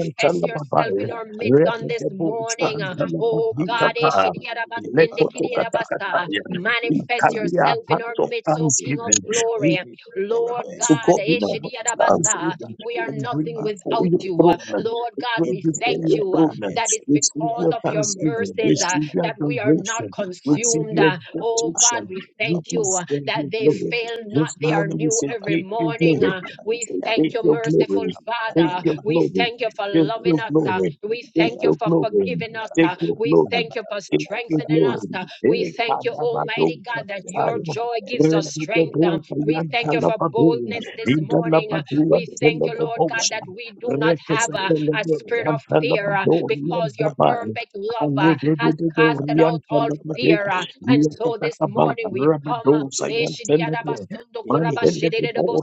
Speaker 3: ikaya, ikaya,
Speaker 1: yourself in
Speaker 3: ikaya,
Speaker 1: our midst on
Speaker 3: ikaya,
Speaker 1: this morning. uh,
Speaker 3: Manto
Speaker 1: Oh
Speaker 3: kabaraba,
Speaker 4: Rebedebochantalabadika
Speaker 1: God,
Speaker 3: manto
Speaker 1: eh,
Speaker 4: Baya,
Speaker 3: kabaraba, ekabaraba,
Speaker 4: Lekotokatakataya.
Speaker 3: mikodekia,
Speaker 4: We
Speaker 1: manifest
Speaker 4: carry our
Speaker 1: yourself in
Speaker 4: hearts
Speaker 1: our
Speaker 3: kandukelebe,
Speaker 4: of
Speaker 1: midst, O King of
Speaker 4: thanksgiving.
Speaker 3: ikekelebe,
Speaker 4: We
Speaker 1: glory.
Speaker 3: ikekelebe,
Speaker 1: Lord
Speaker 4: so
Speaker 1: God,
Speaker 4: God, you
Speaker 1: eh,
Speaker 4: know what stands
Speaker 3: yatakabaraba,
Speaker 4: even
Speaker 1: we are
Speaker 4: and bring
Speaker 1: nothing
Speaker 3: yatakabaraba,
Speaker 4: before
Speaker 1: without
Speaker 4: your
Speaker 1: you.
Speaker 4: throne.
Speaker 1: Lord
Speaker 3: kabaraba,
Speaker 4: We
Speaker 1: God,
Speaker 4: Bring
Speaker 1: we
Speaker 4: before
Speaker 1: thank
Speaker 4: your
Speaker 3: hendelebe
Speaker 1: you
Speaker 3: ya,
Speaker 1: uh,
Speaker 4: throne. man.
Speaker 1: that it's
Speaker 3: hendelebe
Speaker 4: Receive
Speaker 3: ya,
Speaker 1: because
Speaker 4: your
Speaker 1: of your
Speaker 4: thanksgiving.
Speaker 3: hendelebe
Speaker 1: mercies
Speaker 3: ya,
Speaker 1: uh,
Speaker 4: Receive your
Speaker 1: that we are
Speaker 3: kalekakayaka,
Speaker 1: not
Speaker 4: adoration. Receive
Speaker 1: consumed.
Speaker 4: your
Speaker 1: uh.
Speaker 3: andekelebe,
Speaker 1: Oh
Speaker 3: mato
Speaker 1: God,
Speaker 4: exaltation.
Speaker 1: we
Speaker 4: You
Speaker 1: thank
Speaker 3: kabaraba,
Speaker 1: you uh,
Speaker 4: deserve your
Speaker 1: that they
Speaker 4: glory.
Speaker 3: kandukelebe,
Speaker 1: fail not.
Speaker 4: This
Speaker 1: They are
Speaker 4: morning we
Speaker 3: manto
Speaker 1: new
Speaker 4: say,
Speaker 1: every
Speaker 3: kabala
Speaker 4: take
Speaker 3: ba ka
Speaker 4: your glory.
Speaker 1: morning.
Speaker 4: We
Speaker 3: ande
Speaker 1: We
Speaker 4: say,
Speaker 3: kabala ba manto kabaraba, yakabaraba,
Speaker 1: thank
Speaker 4: take
Speaker 1: you,
Speaker 4: your
Speaker 1: merciful
Speaker 4: glory.
Speaker 3: yabayaba,
Speaker 4: Take
Speaker 1: Father.
Speaker 4: your
Speaker 3: yakabayaba,
Speaker 1: We
Speaker 4: glory.
Speaker 1: thank you for
Speaker 4: Take
Speaker 1: loving
Speaker 4: your
Speaker 1: us. uh,
Speaker 4: glory.
Speaker 1: We
Speaker 4: Take
Speaker 1: thank
Speaker 4: your
Speaker 1: you for
Speaker 4: glory.
Speaker 1: forgiving us.
Speaker 4: Take
Speaker 1: uh,
Speaker 4: your
Speaker 1: We
Speaker 4: glory.
Speaker 1: thank you for
Speaker 4: Take your
Speaker 1: strengthening us.
Speaker 4: glory.
Speaker 1: uh, We
Speaker 4: Take
Speaker 1: thank you, Almighty God, that
Speaker 4: your
Speaker 1: your
Speaker 4: glory.
Speaker 1: joy gives us strength. uh, We thank
Speaker 4: Rakatoka,
Speaker 1: you for boldness this morning. uh, We thank you, Lord God, that we do not have a, a spirit of fear uh, because your perfect love uh, has casted out all fear. uh, And so this morning we come.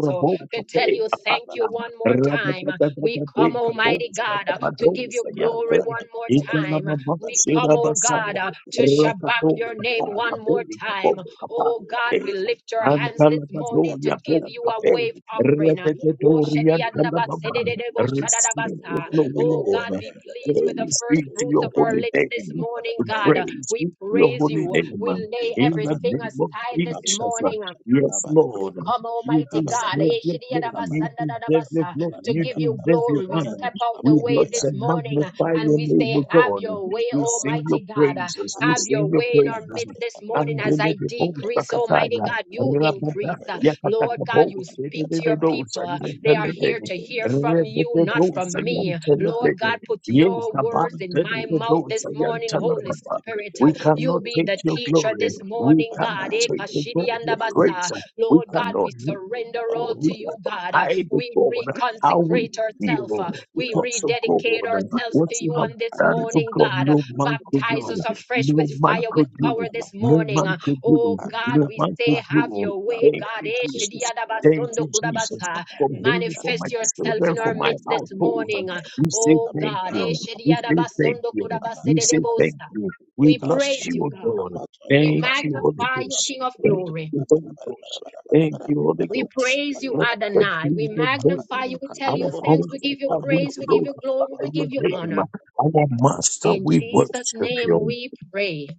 Speaker 1: uh, to tell you thank you one more
Speaker 3: Thank you.
Speaker 1: time. We come,
Speaker 3: Thank
Speaker 1: Almighty God, uh, to give you glory one more time. We come, oh God, uh, to shabak your name one
Speaker 4: Kapata,
Speaker 1: more time.
Speaker 4: Kapata,
Speaker 1: Oh God,
Speaker 4: Kapata,
Speaker 1: we lift your hands this morning to
Speaker 4: Antalabadoria
Speaker 1: give you a
Speaker 4: Bocape,
Speaker 1: wave offering. uh, Oh
Speaker 4: Rededoria Antalababa,
Speaker 1: shadiyandabasedededebo
Speaker 4: receive the
Speaker 1: shadadabasa.
Speaker 4: glory,
Speaker 1: Oh,
Speaker 4: Lord.
Speaker 1: God, be pleased with the
Speaker 4: Praise
Speaker 1: first
Speaker 4: be to
Speaker 1: fruits
Speaker 4: your
Speaker 1: of our
Speaker 4: holy
Speaker 1: lips this
Speaker 4: name.
Speaker 1: morning, God.
Speaker 4: Praise
Speaker 1: We
Speaker 4: be to your
Speaker 1: praise
Speaker 4: holy
Speaker 1: you.
Speaker 4: name.
Speaker 1: We lay
Speaker 4: In the
Speaker 1: everything
Speaker 4: name of
Speaker 1: aside this
Speaker 4: Jesus.
Speaker 1: morning.
Speaker 4: Yes,
Speaker 1: We
Speaker 3: you.
Speaker 4: Lord.
Speaker 1: come,
Speaker 4: You
Speaker 1: Almighty
Speaker 3: Thank
Speaker 1: God,
Speaker 4: deserve your glory. You deserve your glory.
Speaker 1: to
Speaker 4: You
Speaker 1: give you
Speaker 4: deserve your
Speaker 1: glory. We
Speaker 4: honor.
Speaker 1: step out the
Speaker 4: We
Speaker 1: way
Speaker 4: bless
Speaker 1: this
Speaker 4: and
Speaker 1: morning uh,
Speaker 4: magnify
Speaker 1: and
Speaker 4: your
Speaker 1: we
Speaker 4: name,
Speaker 1: say,
Speaker 4: O
Speaker 1: Have
Speaker 4: God.
Speaker 1: your way,
Speaker 4: We sing your
Speaker 1: Almighty God. Uh,
Speaker 4: praises. We
Speaker 1: Have your
Speaker 4: sing your
Speaker 1: way in our
Speaker 4: praises.
Speaker 1: midst this morning
Speaker 4: And
Speaker 1: as I
Speaker 4: deliver
Speaker 1: decrease, Almighty God, you
Speaker 4: Rabada,
Speaker 1: increase. Uh, Lord God,
Speaker 4: Yakatakabo,
Speaker 1: you speak to your
Speaker 4: Tededo,
Speaker 1: people. Uh,
Speaker 4: Sayan
Speaker 1: They are here
Speaker 4: Telebene,
Speaker 1: to hear from you, not
Speaker 4: Rebedo,
Speaker 1: from me.
Speaker 4: Sayan
Speaker 1: uh, Lord God,
Speaker 4: Telebene,
Speaker 1: put
Speaker 4: Ye
Speaker 1: your words
Speaker 4: Kaban,
Speaker 1: in my mouth
Speaker 4: Tededo,
Speaker 1: this
Speaker 4: Sayan
Speaker 1: morning, Holy
Speaker 4: Telebaba.
Speaker 1: Spirit. Uh,
Speaker 4: We
Speaker 1: You
Speaker 4: cannot
Speaker 1: be
Speaker 4: take
Speaker 1: the
Speaker 4: your
Speaker 1: teacher
Speaker 4: glory.
Speaker 1: this
Speaker 4: We
Speaker 1: morning,
Speaker 4: cannot
Speaker 1: God.
Speaker 4: take the God, your
Speaker 3: you.
Speaker 1: Ekashidiandabasa.
Speaker 4: praise. We
Speaker 1: Lord God, we
Speaker 4: cannot
Speaker 1: surrender all
Speaker 4: God. We
Speaker 1: to you,
Speaker 4: cannot
Speaker 1: God. Uh,
Speaker 4: hide the
Speaker 1: We
Speaker 4: God, how we
Speaker 1: reconsecrate ourselves.
Speaker 4: feel
Speaker 1: uh, We
Speaker 4: because of God.
Speaker 1: rededicate ourselves
Speaker 4: What
Speaker 1: to you
Speaker 4: you have
Speaker 1: on this
Speaker 4: done for
Speaker 1: morning,
Speaker 4: God,
Speaker 1: God. Uh,
Speaker 4: no man could
Speaker 1: Baptize
Speaker 4: do.
Speaker 1: us afresh
Speaker 4: No
Speaker 1: with
Speaker 4: man
Speaker 1: fire, with
Speaker 4: could do.
Speaker 1: power this
Speaker 4: No
Speaker 1: morning.
Speaker 4: man
Speaker 1: Uh,
Speaker 4: could
Speaker 1: Oh
Speaker 4: do.
Speaker 1: God,
Speaker 4: No
Speaker 1: we
Speaker 4: man
Speaker 1: say,
Speaker 4: could
Speaker 1: have
Speaker 4: do.
Speaker 1: your way,
Speaker 4: Thank
Speaker 1: God.
Speaker 4: you,
Speaker 1: Eh,
Speaker 4: Jesus. Thank
Speaker 1: shidiadabasundo
Speaker 4: you, Jesus,
Speaker 1: kudabasa.
Speaker 4: for me, for my
Speaker 1: Manifest yourself
Speaker 4: children,
Speaker 1: in
Speaker 4: for
Speaker 1: our
Speaker 4: my
Speaker 1: midst this
Speaker 4: household.
Speaker 1: morning. Uh,
Speaker 4: We say
Speaker 1: Oh
Speaker 4: thank
Speaker 1: God. eh,
Speaker 4: you. We say thank
Speaker 1: shidiadabasundo
Speaker 4: you. We
Speaker 3: Thank
Speaker 4: say
Speaker 3: you.
Speaker 4: thank
Speaker 1: kudabasededebosa.
Speaker 4: you. We
Speaker 3: Thank
Speaker 1: We
Speaker 4: bless
Speaker 1: praise
Speaker 4: you,
Speaker 1: you,
Speaker 4: O
Speaker 1: God.
Speaker 4: God.
Speaker 1: We
Speaker 4: Thank you, Holy
Speaker 1: magnify you,
Speaker 4: Ghost.
Speaker 1: King of
Speaker 4: Thank
Speaker 1: glory.
Speaker 4: you, Holy Ghost. Thank you, Holy
Speaker 1: We
Speaker 4: Ghost.
Speaker 1: praise you,
Speaker 4: Blessed
Speaker 1: Adonai.
Speaker 4: be
Speaker 1: We
Speaker 4: the name.
Speaker 1: magnify you. We tell
Speaker 4: Our
Speaker 1: you thanks. We
Speaker 4: comforter,
Speaker 1: give you
Speaker 4: we
Speaker 1: praise. We give you
Speaker 4: glorify
Speaker 1: glory. We
Speaker 4: your
Speaker 1: give you
Speaker 3: you.
Speaker 4: name.
Speaker 1: honor.
Speaker 4: Our master,
Speaker 1: In
Speaker 4: we
Speaker 1: Jesus'
Speaker 4: worship
Speaker 1: name
Speaker 4: you.
Speaker 1: we pray.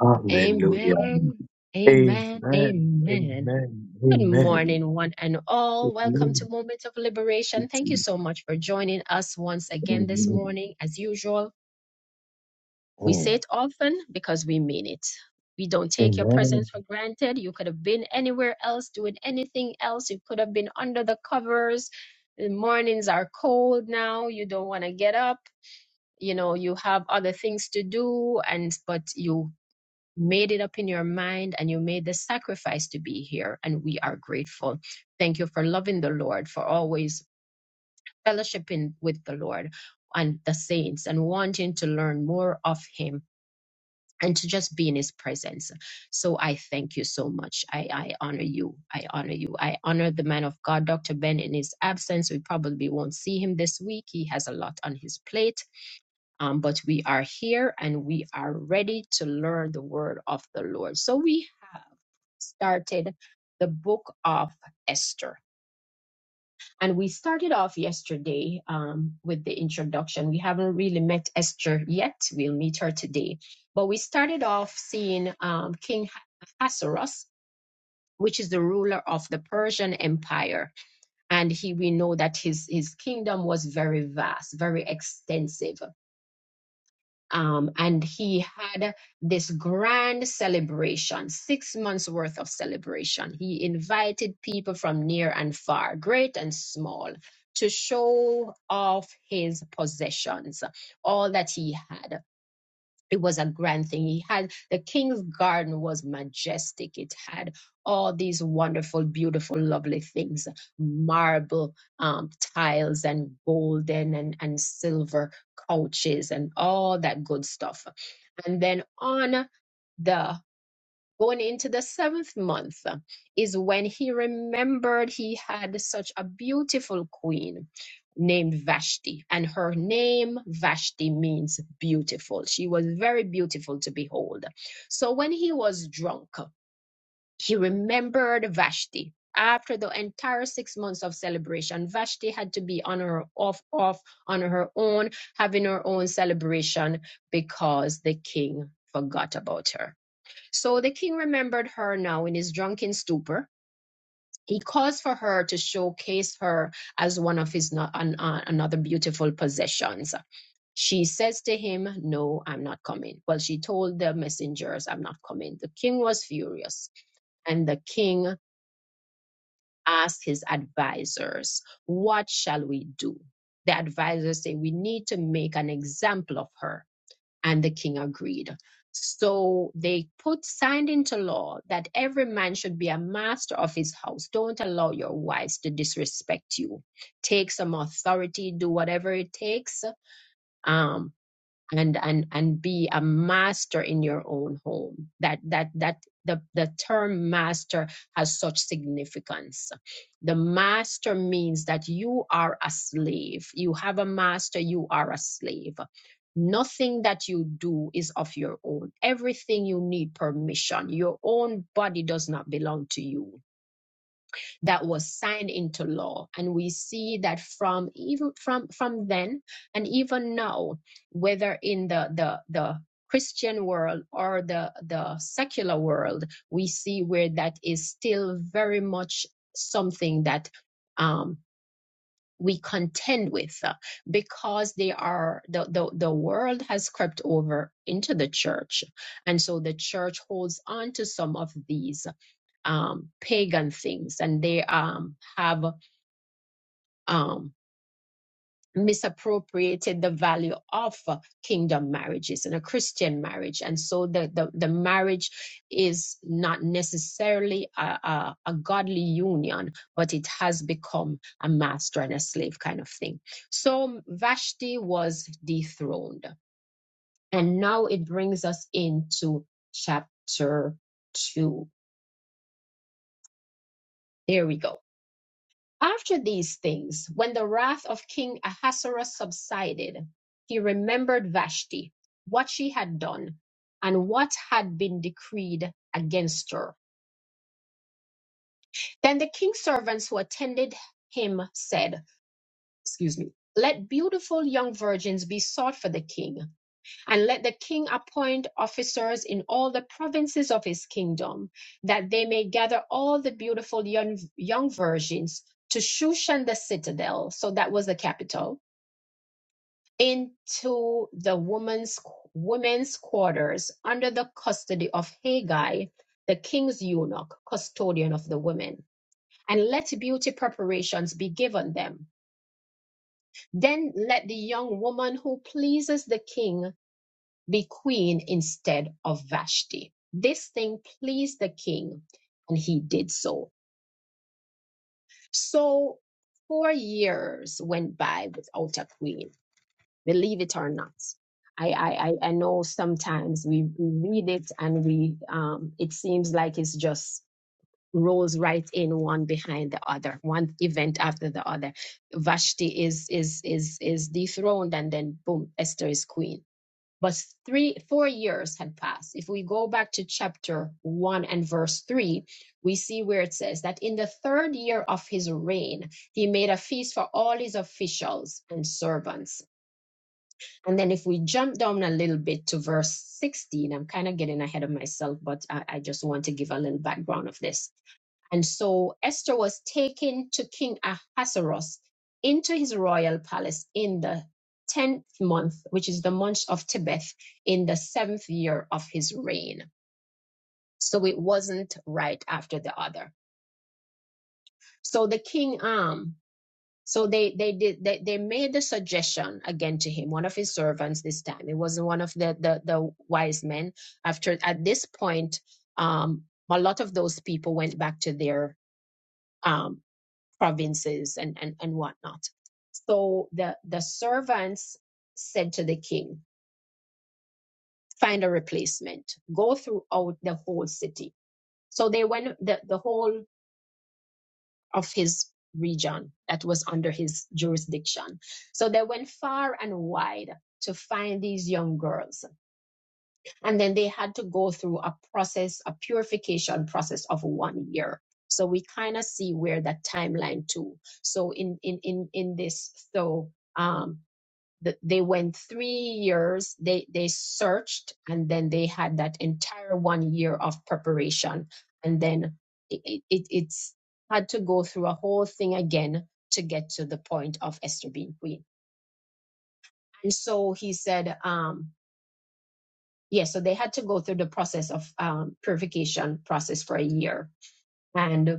Speaker 4: Hallelujah.
Speaker 1: Amen.
Speaker 4: Amen.
Speaker 1: Amen.
Speaker 4: Amen.
Speaker 1: Amen.
Speaker 4: Amen.
Speaker 1: Good
Speaker 4: Amen.
Speaker 1: morning, one and all. Welcome to Moment of Liberation. Thank you so much for joining us once again this morning, as usual. We say
Speaker 4: Amen.
Speaker 1: it often because we mean it. We don't take your
Speaker 4: Amen.
Speaker 1: presence for granted. You could have been anywhere else doing anything else. You could have been under the covers. The mornings are cold now. You don't want to get up. You know, you have other things to do and but you made it up in your mind and you made the sacrifice to be here and we are grateful. Thank you for loving the Lord, for always fellowshipping with the Lord and the saints and wanting to learn more of him and to just be in his presence. So I thank you so much. I, I honor you. I honor you. I honor the man of God, Dr. Ben, in his absence. We probably won't see him this week. He has a lot on his plate. Um, but we are here and we are ready to learn the word of the Lord. So we have started the book of Esther and we started off yesterday um, with the introduction. We haven't really met Esther yet. We'll meet her today. But we started off seeing um, King Ahasuerus, which is the ruler of the Persian Empire. And he, we know that his, his kingdom was very vast, very extensive um, and he had this grand celebration, six months worth of celebration. He invited people from near and far, great and small, to show off his possessions, all that he had it was a grand thing. He had the king's garden was majestic. It had all these wonderful, beautiful, lovely things, marble um, tiles and golden and, and silver couches and all that good stuff. And then on the going into the seventh month uh, is when he remembered he had such a beautiful queen named Vashti. And her name, Vashti, means beautiful. She was very beautiful to behold. So when he was drunk, uh, he remembered Vashti. After the entire six months of celebration, Vashti had to be on her off off on her own, having her own celebration because the king forgot about her. So the king remembered her now in his drunken stupor. He caused for her to showcase her as one of his no- an, uh, another beautiful possessions. She says to him, "No, I'm not coming." Well, she told the messengers, "I'm not coming." The king was furious, and the king asked his advisors, "What shall we do?" The advisors say, "We need to make an example of her and the king agreed. So they put signed into law that every man should be a master of his house. Don't allow your wives to disrespect you. Take some authority, do whatever it takes. Um, and and and be a master in your own home that that that the, the term master has such significance the master means that you are a slave you have a master you are a slave nothing that you do is of your own everything you need permission your own body does not belong to you that was signed into law and we see that from even from from then and even now whether in the the the christian world or the the secular world we see where that is still very much something that um we contend with uh, because they are the, the the world has crept over into the church and so the church holds on to some of these um, pagan things and they um, have um, misappropriated the value of uh, kingdom marriages and a Christian marriage. And so the, the, the marriage is not necessarily a, a, a godly union, but it has become a master and a slave kind of thing. So Vashti was dethroned. And now it brings us into chapter two. There we go. After these things, when the wrath of King Ahasuerus subsided, he remembered Vashti, what she had done, and what had been decreed against her. Then the king's servants who attended him said, Excuse me, let beautiful young virgins be sought for the king, and let the king appoint officers in all the provinces of his kingdom, that they may gather all the beautiful young, young virgins to Shushan the citadel, so that was the capital into the women's women's quarters under the custody of Haggai, the king's eunuch, custodian of the women, and let beauty preparations be given them. Then let the young woman who pleases the king be queen instead of Vashti. This thing pleased the king, and he did so. So four years went by without a queen believe it or not. I, I, I know sometimes we, we read it and we um, it seems like it's just rolls right in one behind the other, one event after the other. Vashti is is is is dethroned and then boom, Esther is queen. But three four years had passed. If we go back to chapter one and verse three, we see where it says that in the third year of his reign, he made a feast for all his officials and servants and then if we jump down a little bit to verse 16, I'm kind of getting ahead of myself, but I, I just want to give a little background of this. And so Esther was taken to King Ahasuerus into his royal palace in the 10th month, which is the month of Tebeth, in the seventh year of his reign. So it wasn't right after the other. So the king, um, So they they did they, they made the suggestion again to him, one of his servants this time. It wasn't one of the the, the wise men. After at this point, um, a lot of those people went back to their um, provinces and, and and whatnot. So the the servants said to the king, find a replacement. Go throughout the whole city. So they went the, the whole of his region that was under his jurisdiction. So they went far and wide to find these young girls. And then they had to go through a process, a purification process of one year. So we kind of see where that timeline too. So in in in in this, so um th- they went three years they they searched and then they had that entire one year of preparation and then it, it it- it's had to go through a whole thing again to get to the point of esther being queen and so he said um yeah so they had to go through the process of um, purification process for a year and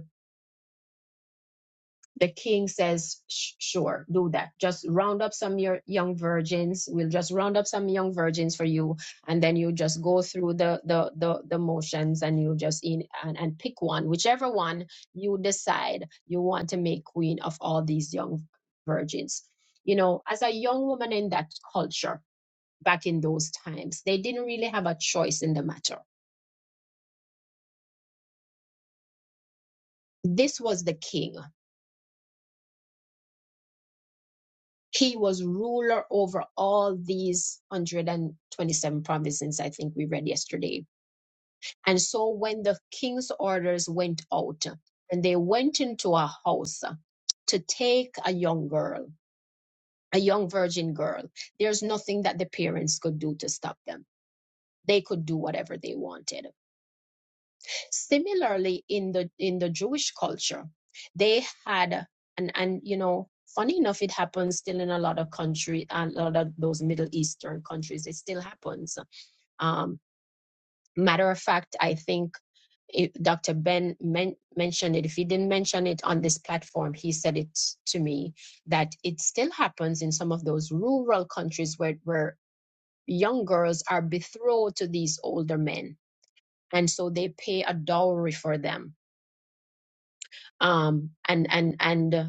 Speaker 1: the king says, sure, do that. Just round up some your young virgins. We'll just round up some young virgins for you. And then you just go through the, the, the, the motions and you just in and, and pick one, whichever one you decide you want to make queen of all these young virgins. You know, as a young woman in that culture back in those times, they didn't really have a choice in the matter. This was the king he was ruler over all these 127 provinces i think we read yesterday and so when the king's orders went out and they went into a house to take a young girl a young virgin girl there's nothing that the parents could do to stop them they could do whatever they wanted Similarly, in the in the Jewish culture, they had and and you know, funny enough, it happens still in a lot of country, a lot of those Middle Eastern countries. It still happens. Um, matter of fact, I think it, Dr. Ben men- mentioned it. If he didn't mention it on this platform, he said it to me that it still happens in some of those rural countries where, where young girls are betrothed to these older men. And so they pay a dowry for them um, and and and uh,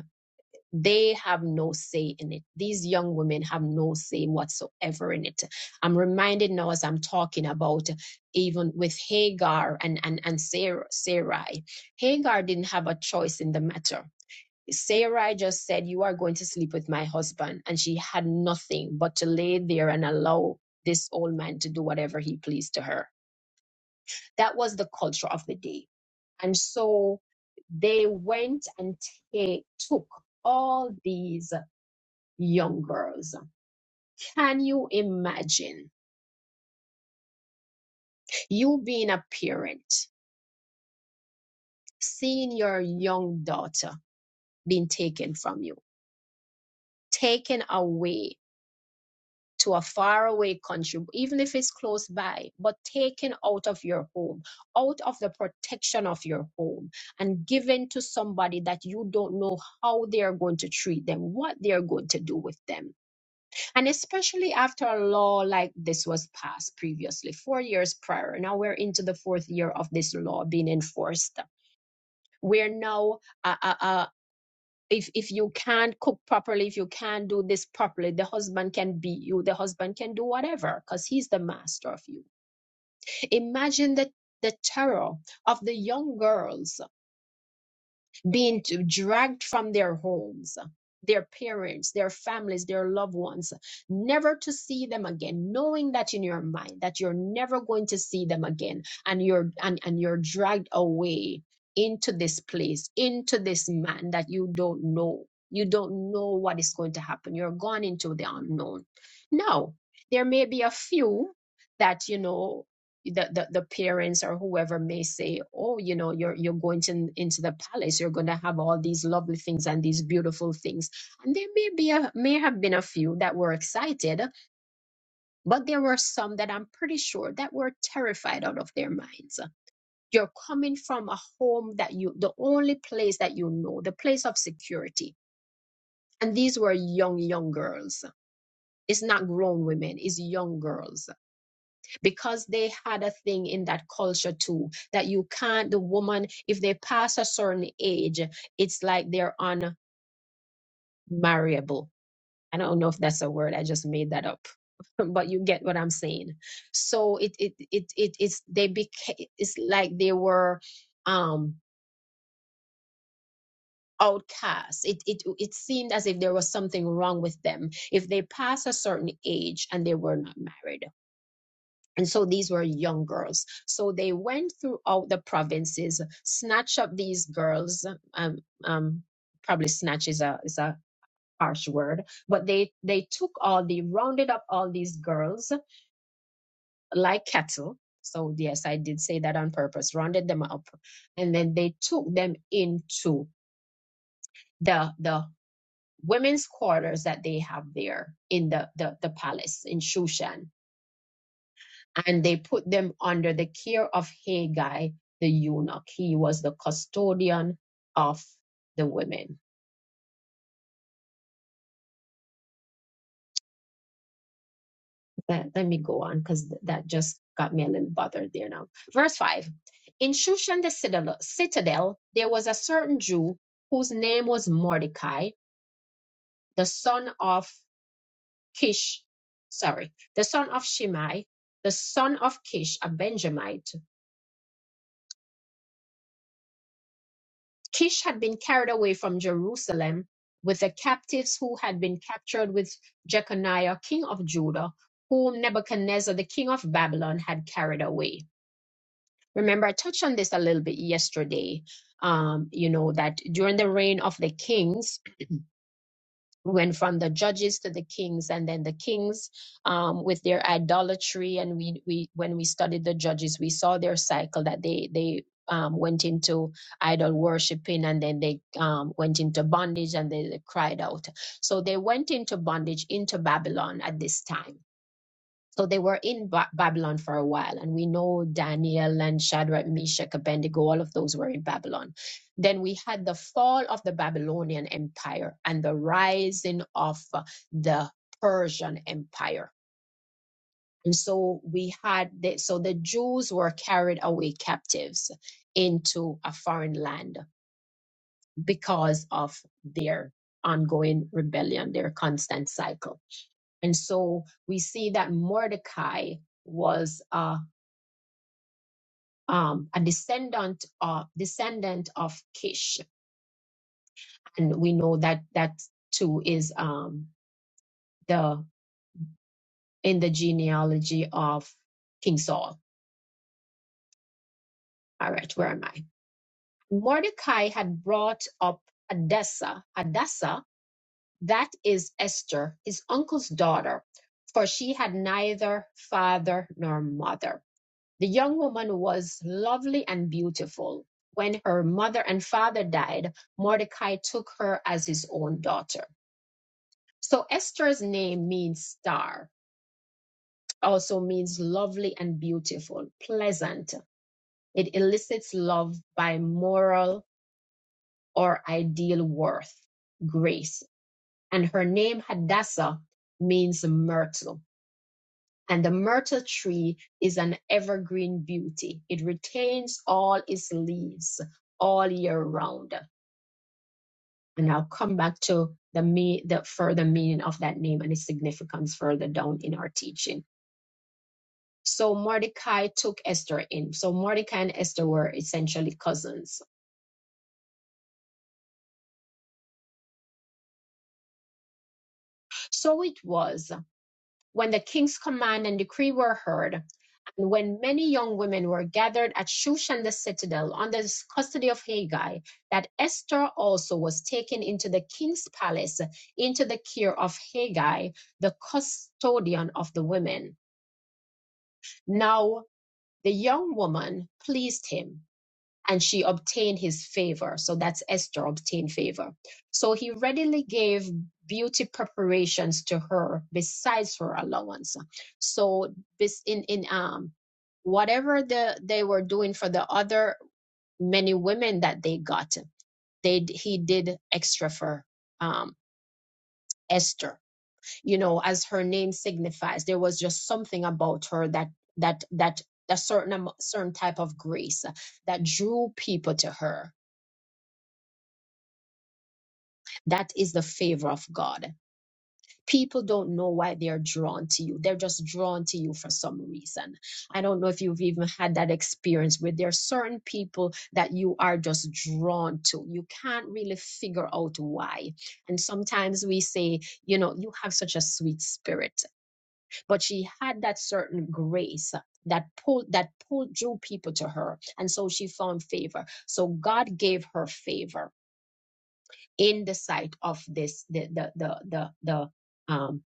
Speaker 1: they have no say in it. These young women have no say whatsoever in it. I'm reminded now as I'm talking about even with Hagar and and and Sarah, Sarai. Hagar didn't have a choice in the matter. Sarai just said, "You are going to sleep with my husband," and she had nothing but to lay there and allow this old man to do whatever he pleased to her that was the culture of the day. And so they went and ta- took all these young girls. Can you imagine you being a parent, seeing your young daughter being taken from you, taken away? to a faraway country, even if it's close by, but taken out of your home, out of the protection of your home, and given to somebody that you don't know how they are going to treat them, what they are going to do with them. And especially after a law like this was passed previously, four years prior. Now we're into the fourth year of this law being enforced. We're now a, a, if if you can't cook properly if you can't do this properly the husband can beat you the husband can do whatever because he's the master of you imagine the the terror of the young girls being t- dragged from their homes, their parents, their families, their loved ones, never to see them again, knowing that in your mind that you're never going to see them again, and you're and, and you're dragged away into this place, into this man that you don't know. You don't know what is going to happen. You're gone into the unknown. Now, there may be a few that you know the, the, the parents or whoever may say, oh, you know, you're you're going to into the palace, you're going to have all these lovely things and these beautiful things, and there may be a, may have been a few that were excited, but there were some that I'm pretty sure that were terrified out of their minds. You're coming from a home that you the only place that you know, the place of security, and these were young young girls. It's not grown women; it's young girls because they had a thing in that culture too that you can't the woman if they pass a certain age it's like they're unmarriable i don't know if that's a word i just made that up but you get what i'm saying so it it it, it it's they became it's like they were um outcast it, it it seemed as if there was something wrong with them if they pass a certain age and they were not married And so these were young girls. So they went throughout the provinces, snatch up these girls. Um, um, probably snatch is a is a harsh word, but they they took all the rounded up all these girls like cattle. So yes, I did say that on purpose. Rounded them up, and then they took them into the the women's quarters that they have there in the the, the palace in Shushan and they put them under the care of Haggai the eunuch. He was the custodian of the women. Let, let me go on because th- that just got me a little bothered there now. Verse 5 In Shushan the citadel, citadel, there was a certain Jew whose name was Mordecai, the son of Kish, sorry, the son of Shimei, the son of Kish, a Benjamite Kish had been carried away from Jerusalem with the captives who had been captured with Jeconiah, king of Judah, whom Nebuchadnezzar, the king of Babylon, had carried away. Remember, I touched on this a little bit yesterday. Um, you know, that during the reign of the kings, we went from the judges to the kings and then the kings um, with their idolatry and we, we when we studied the judges we saw their cycle that they they um, went into idol worshiping and then they um, went into bondage and they, they cried out so they went into bondage into babylon at this time so they were in ba- Babylon for a while, and we know Daniel and Shadrach, Meshach, Abednego, all of those were in Babylon. Then we had the fall of the Babylonian Empire and the rising of uh, the Persian Empire. And so we had, the, so the Jews were carried away captives into a foreign land because of their ongoing rebellion, their constant cycle. And so we see that Mordecai was uh, um, a descendant of descendant of Kish, and we know that that too is um, the in the genealogy of King Saul. All right, where am I? Mordecai had brought up Hadassah. Hadassah, that is Esther, his uncle's daughter, for she had neither father nor mother. The young woman was lovely and beautiful. When her mother and father died, Mordecai took her as his own daughter. So Esther's name means star, also means lovely and beautiful, pleasant. It elicits love by moral or ideal worth, grace. And her name Hadassah means myrtle And the myrtle tree is an evergreen beauty. It retains all its leaves all year round. And I'll come back to the, me- the further meaning of that name and its significance further down in our teaching. So Mordecai took Esther in. So Mordecai and Esther were essentially cousins. So it was when the king's command and decree were heard. And when many young women were gathered at Shushan the citadel under the custody of Haggai, that Esther also was taken into the king's palace, into the care of Haggai, the custodian of the women. Now the young woman pleased him and she obtained his favor. So that's Esther obtained favor. So he readily gave beauty preparations to her besides her allowance. So this in in um whatever the they were doing for the other many women that they got, they d- he did extra for um Esther. You know, as her name signifies, there was just something about her that that that a certain amo- certain type of grace that drew people to her That is the favor of God. People don't know why they are drawn to you. They're just drawn to you for some reason. I don't know if you've even had that experience where there are certain people that you are just drawn to. You can't really figure out why. And sometimes we say, you know, you have such a sweet spirit, but she had that certain grace that pulled that pulled drew people to her and so she found favor so god gave her favor in the sight of this the the the the, the um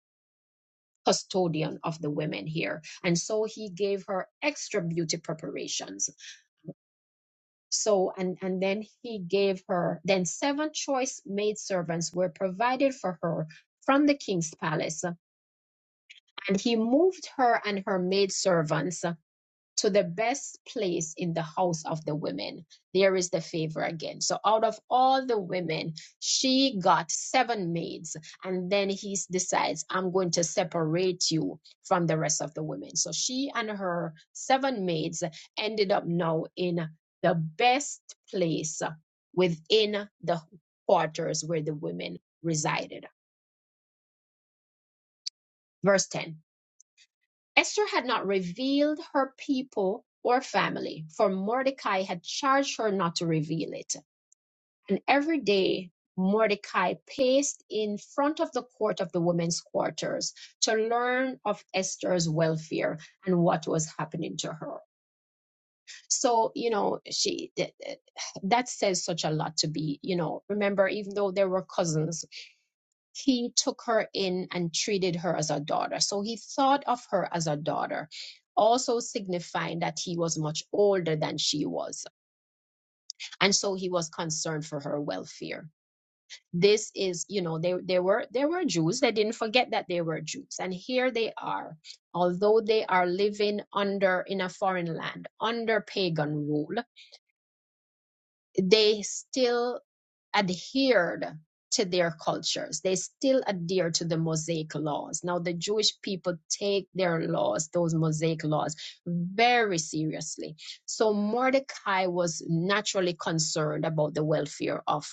Speaker 1: custodian of the women here and so he gave her extra beauty preparations so and and then he gave her then seven choice maidservants were provided for her from the king's palace and he moved her and her maidservants to the best place in the house of the women. There is the favor again. So out of all the women, she got seven maids. And then he decides, I'm going to separate you from the rest of the women. So she and her seven maids ended up now in the best place within the quarters where the women resided. Verse 10 Esther had not revealed her people or family, for Mordecai had charged her not to reveal it. And every day, Mordecai paced in front of the court of the women's quarters to learn of Esther's welfare and what was happening to her. So, you know, she that that says such a lot to be, you know, remember, even though they were cousins, he took her in and treated her as a daughter. So he thought of her as a daughter, also signifying that he was much older than she was. And so he was concerned for her welfare. This is, you know, they, they were they were Jews. They didn't forget that they were Jews. And here they are, although they are living under in a foreign land, under pagan rule, they still adhered to their cultures. They still adhere to the Mosaic laws. Now, the Jewish people take their laws, those Mosaic laws, very seriously. So Mordecai was naturally concerned about the welfare of,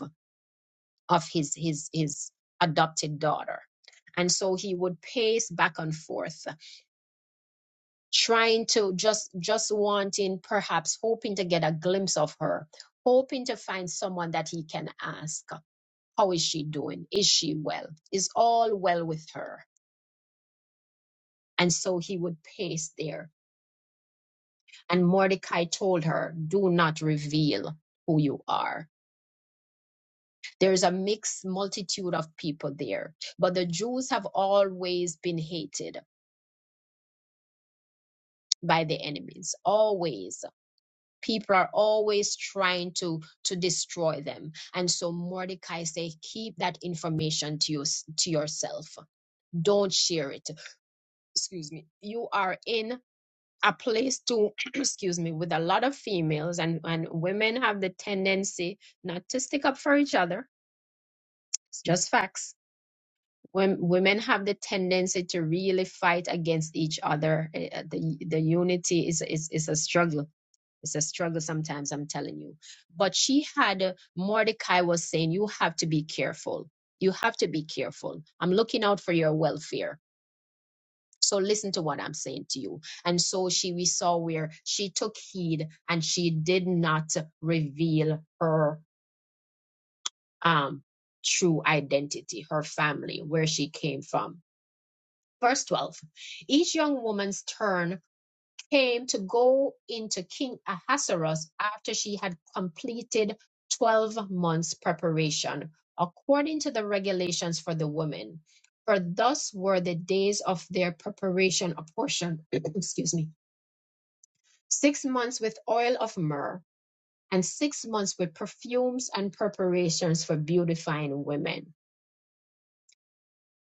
Speaker 1: of his, his, his adopted daughter. And so he would pace back and forth, trying to just, just wanting, perhaps hoping to get a glimpse of her, hoping to find someone that he can ask how is she doing? Is she well? Is all well with her? And so he would pace there. And Mordecai told her, Do not reveal who you are. There's a mixed multitude of people there, but the Jews have always been hated by the enemies, always. People are always trying to to destroy them, and so Mordecai say, "Keep that information to you to yourself. Don't share it." Excuse me. You are in A place to excuse me with a lot of females and and women have the tendency not to stick up for each other it's just facts when women have the tendency to really fight against each other eh, eh, the the unity is is is a struggle it's a struggle sometimes i'm telling you but she had uh, mordecai was saying you have to be careful you have to be careful i'm looking out for your welfare So listen to what I'm saying to you. And so she, we saw where she took heed and she did not reveal her um, true identity, her family, where she came from. Verse 12 Each young woman's turn came to go into King Ahasuerus after she had completed 12 months preparation, according to the regulations for the women. For thus were the days of their preparation apportioned, excuse me, six months with oil of myrrh, and six months with perfumes and preparations for beautifying women.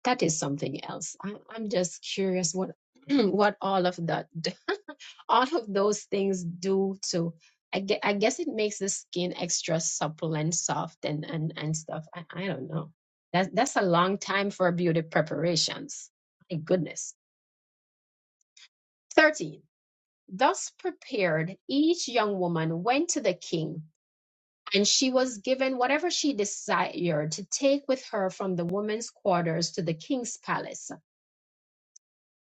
Speaker 1: That is something else. I, I'm just curious what what all of that, all of those things do to. I guess, I guess it makes the skin extra supple and soft and and and stuff. I, I don't know. That's that's a long time for beauty preparations. My goodness. Thirteen. Thus prepared, each young woman went to the king and she was given whatever she desired to take with her from the women's quarters to the king's palace.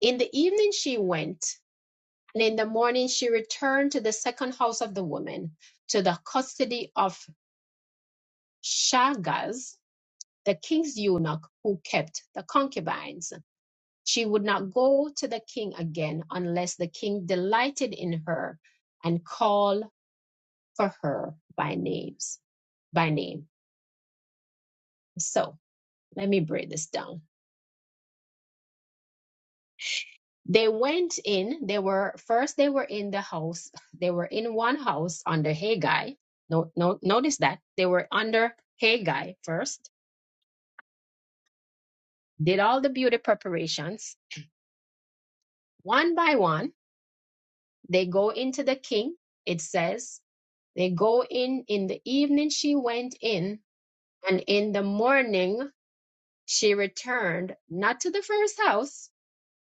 Speaker 1: In the evening she went, and in the morning she returned to the second house of the woman, to the custody of Shagaz, the king's eunuch who kept the concubines. She would not go to the king again unless the king delighted in her and called for her by names by name. So let me break this down They went in, they were first they were in the house, they were in one house under Haggai. No, no, notice that they were under Haggai first, did all the beauty preparations. One by one, they go into the king. It says they go in in the evening she went in, and in the morning she returned, not to the first house,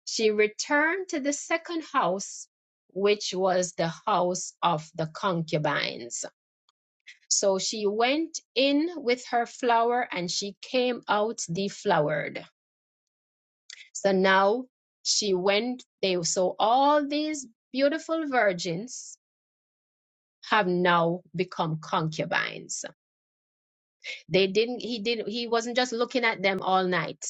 Speaker 1: she returned to the second house which was the house of the concubines. So she went in with her flour and she came out deflowered. So now she went, they so all these beautiful virgins have now become concubines. They didn't he didn't he wasn't just looking at them all night.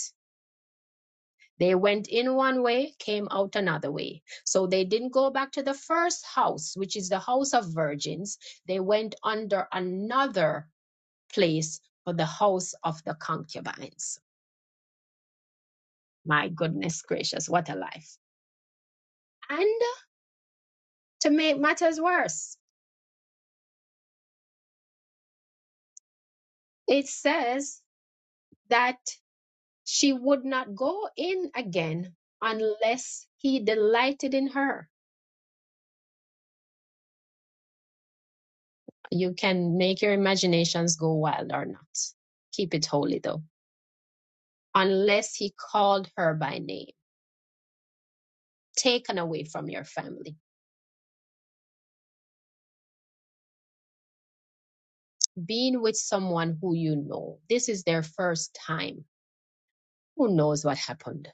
Speaker 1: They went in one way, came out another way. So they didn't go back to the first house, which is the house of virgins. They went under another place for the house of the concubines. My goodness gracious, what a life. And to make matters worse, it says that she would not go in again unless he delighted in her. You can make your imaginations go wild or not. Keep it holy though. Unless he called her by name, taken away from your family, being with someone who you know. This is their first time. Who knows what happened?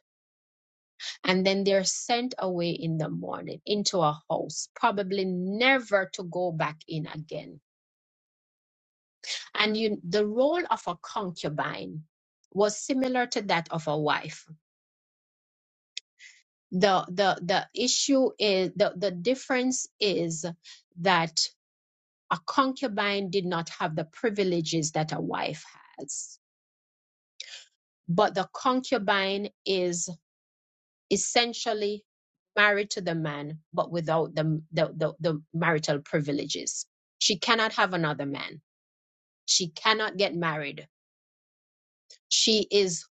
Speaker 1: and then they're sent away in the morning into a house probably never to go back in again and you the role of a concubine was similar to that of a wife the the the issue is the the difference is that a concubine did not have the privileges that a wife has but the concubine is essentially married to the man, but without the, the, the, the marital privileges. She cannot have another man. She cannot get married. She is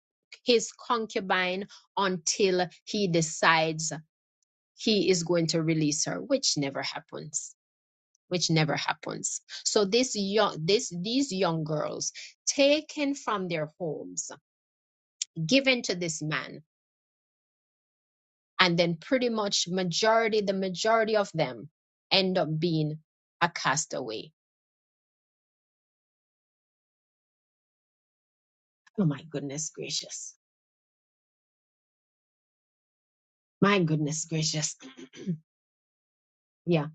Speaker 1: his concubine until he decides he is going to release her, which never happens. Which never happens. So this young, this these young girls taken from their homes, given to this man, and then pretty much majority the majority of them end up being a castaway oh my goodness gracious my goodness gracious yeah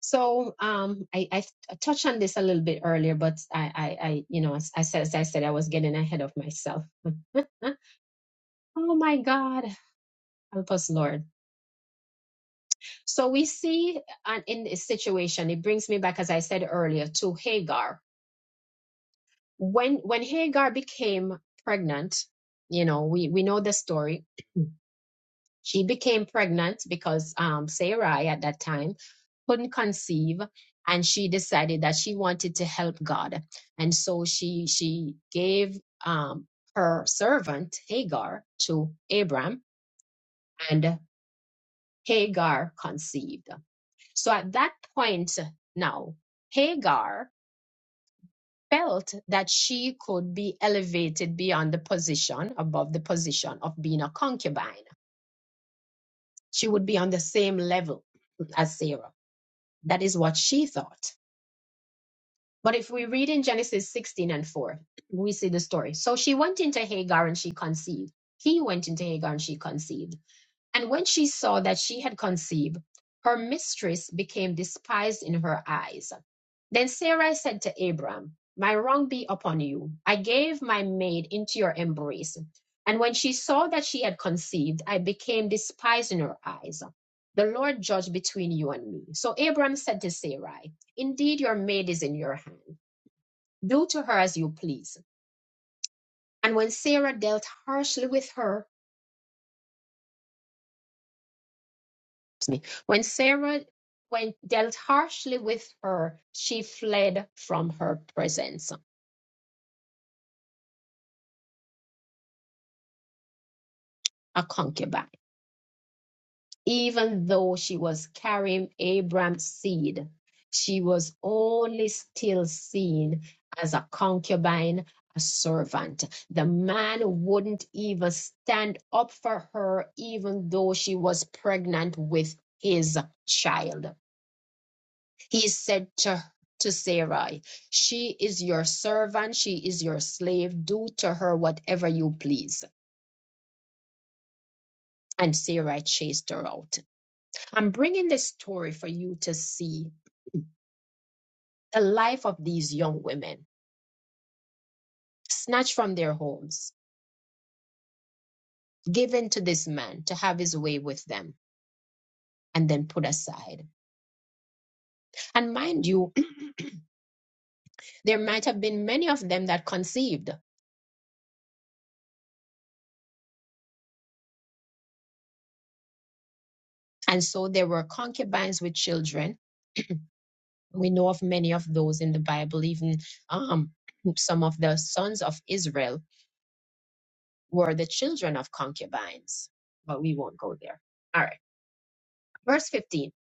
Speaker 1: so um i i, touched on this a little bit earlier but i i, I you know as i said as i said i was getting ahead of myself Huh? oh my god help us lord so we see an, in this situation it brings me back as i said earlier to hagar when when hagar became pregnant you know we we know the story She became pregnant because um, Sarai at that time couldn't conceive and she decided that she wanted to help God. And so she she gave um, her servant Hagar to Abram and Hagar conceived. So at that point now, Hagar felt that she could be elevated beyond the position, above the position of being a concubine. She would be on the same level as Sarah. That is what she thought. But if we read in Genesis 16 and 4, we see the story. So she went into Hagar and she conceived. He went into Hagar and she conceived. And when she saw that she had conceived, her mistress became despised in her eyes. Then Sarai said to Abram, My wrong be upon you. I gave my maid into your embrace. And when she saw that she had conceived, I became despised in her eyes. The Lord judge between you and me. So Abram said to Sarai, Indeed, your maid is in your hand. Do to her as you please. And when Sarah dealt harshly with her, me. When Sarah when dealt harshly with her, she fled from her presence, a concubine. Even though she was carrying Abraham's seed, she was only still seen as a concubine, a servant. The man wouldn't even stand up for her, even though she was pregnant with his child he said to to Sarai, She is your servant, she is your slave, do to her whatever you please. And Sarai chased her out. I'm bringing this story for you to see the life of these young women, snatched from their homes, given to this man to have his way with them, and then put aside. And mind you, there might have been many of them that conceived. And so there were concubines with children, We know of many of those in the Bible, even um, some of the sons of Israel were the children of concubines, but we won't go there. All right, verse 15.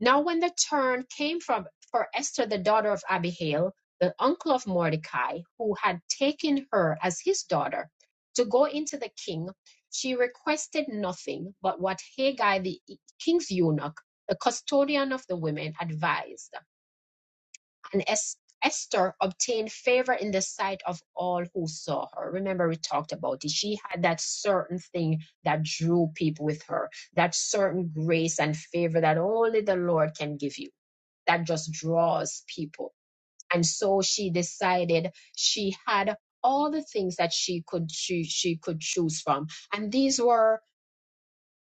Speaker 1: Now, when the turn came from for Esther, the daughter of Abihail, the uncle of Mordecai, who had taken her as his daughter, to go into the king, she requested nothing but what Haggai, the king's eunuch, the custodian of the women, advised. and Es- Esther obtained favor in the sight of all who saw her. Remember, we talked about it. She had that certain thing that drew people with her, that certain grace and favor that only the Lord can give you, that just draws people. And so she decided she had all the things that she could choose, she could choose from. And these were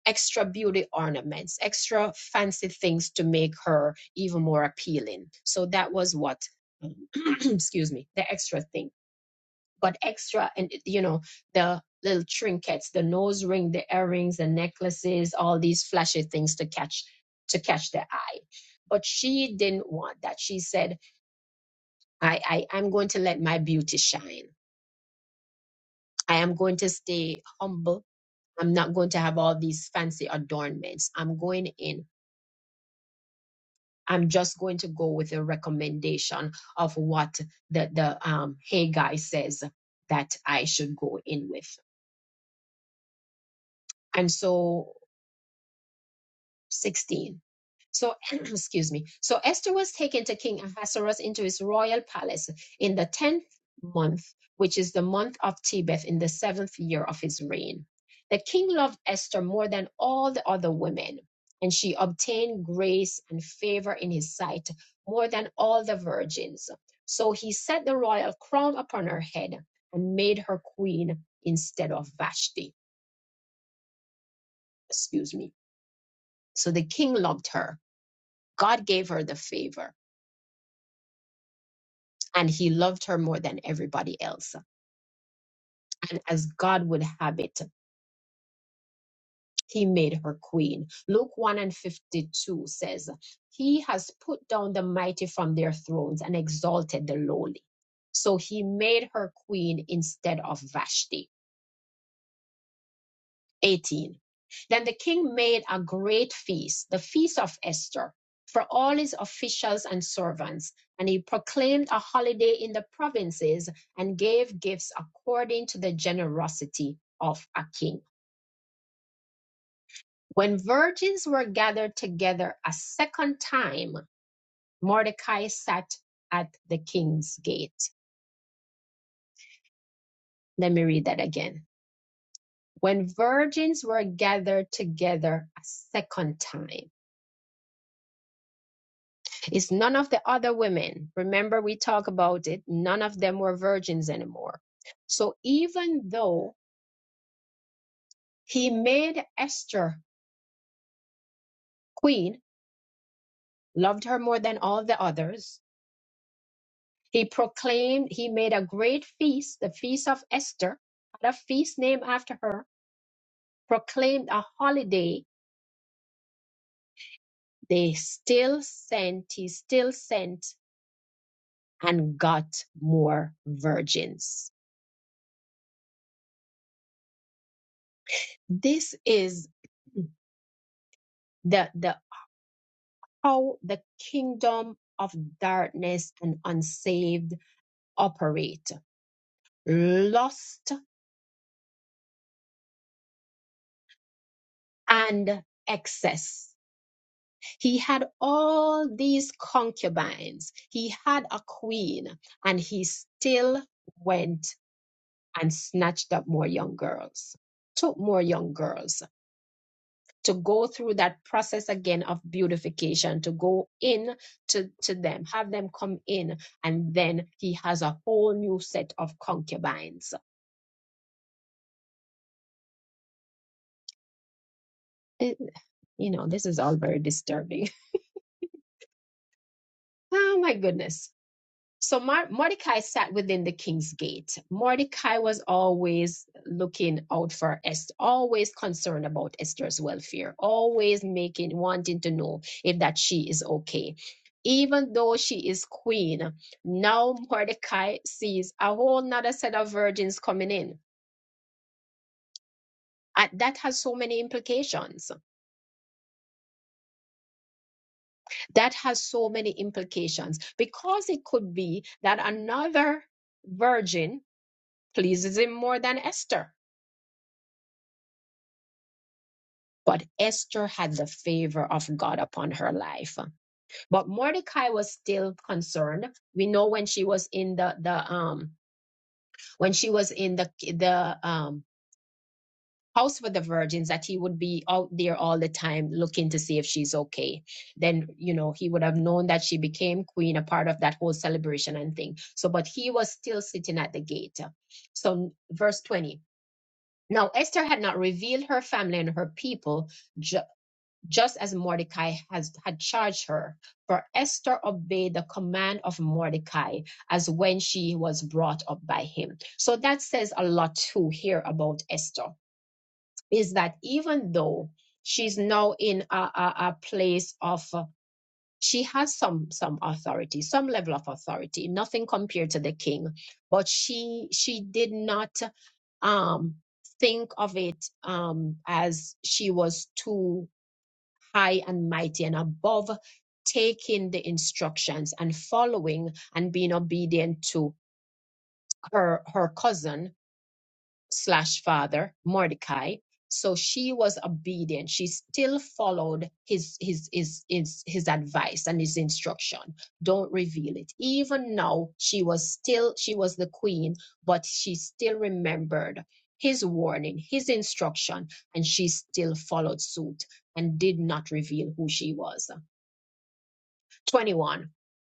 Speaker 1: extra beauty ornaments, extra fancy things to make her even more appealing. So that was what, excuse me, the extra thing. But extra, and you know, the little trinkets, the nose ring, the earrings, the necklaces, all these flashy things to catch to catch the eye. But she didn't want that. She said, I, I I'm going to let my beauty shine. I am going to stay humble. I'm not going to have all these fancy adornments. I'm going in I'm just going to go with a recommendation of what the, the um, hey guy says that I should go in with. And so 16. So, excuse me. So Esther was taken to King Ahasuerus into his royal palace in the 10th month, which is the month of Tebeth, in the seventh year of his reign. The king loved Esther more than all the other women, and she obtained grace and favor in his sight more than all the virgins. So he set the royal crown upon her head and made her queen instead of Vashti. Excuse me. So the king loved her. God gave her the favor and he loved her more than everybody else. And as God would have it, he made her queen. Luke 1 and 52 says, He has put down the mighty from their thrones and exalted the lowly. So he made her queen instead of Vashti 18. Then the king made a great feast, the feast of Esther, for all his officials and servants, and he proclaimed a holiday in the provinces and gave gifts according to the generosity of a king. When virgins were gathered together a second time, Mordecai sat at the king's gate. Let me read that again. When virgins were gathered together a second time, It's none of the other women. Remember, we talk about it. None of them were virgins anymore. So even though he made Esther queen, loved her more than all the others, he proclaimed, he made a great feast, the feast of Esther, had a feast named after her, proclaimed a holiday. They still sent, he still sent and got more virgins. This is the, the how the kingdom of darkness and unsaved operate lust and excess. He had all these concubines, he had a queen, and he still went and snatched up more young girls, took more young girls. to go through that process again of beautification, to go in to, to them, have them come in, and then he has a whole new set of concubines. It- you know, this is all very disturbing. Oh my goodness. So Mar- Mordecai sat within the king's gate. Mordecai was always looking out for Esther, always concerned about Esther's welfare, always making, wanting to know if that she is okay. Even though she is queen, now Mordecai sees a whole nother set of virgins coming in. And that has so many implications. That has so many implications because it could be that another virgin pleases him more than Esther But Esther had the favor of God upon her life. But Mordecai was still concerned. We know when she was in the the um when she was in the the um house with the virgins that he would be out there all the time looking to see if she's okay. Then you know he would have known that she became queen, a part of that whole celebration and thing. So, but he was still sitting at the gate. So verse twenty. Now Esther had not revealed her family and her people ju- just as Mordecai has, had charged her. For Esther obeyed the command of Mordecai as when she was brought up by him. So that says a lot too here about Esther, is that even though she's now in a, a, a place of uh, she has some some authority some level of authority nothing compared to the king but she she did not um think of it um as she was too high and mighty and above taking the instructions and following and being obedient to her her cousin slash father mordecai so she was obedient she still followed his his his his, his advice and his instruction don't reveal it even now she was still she was the queen but she still remembered his warning his instruction and she still followed suit and did not reveal who she was 21.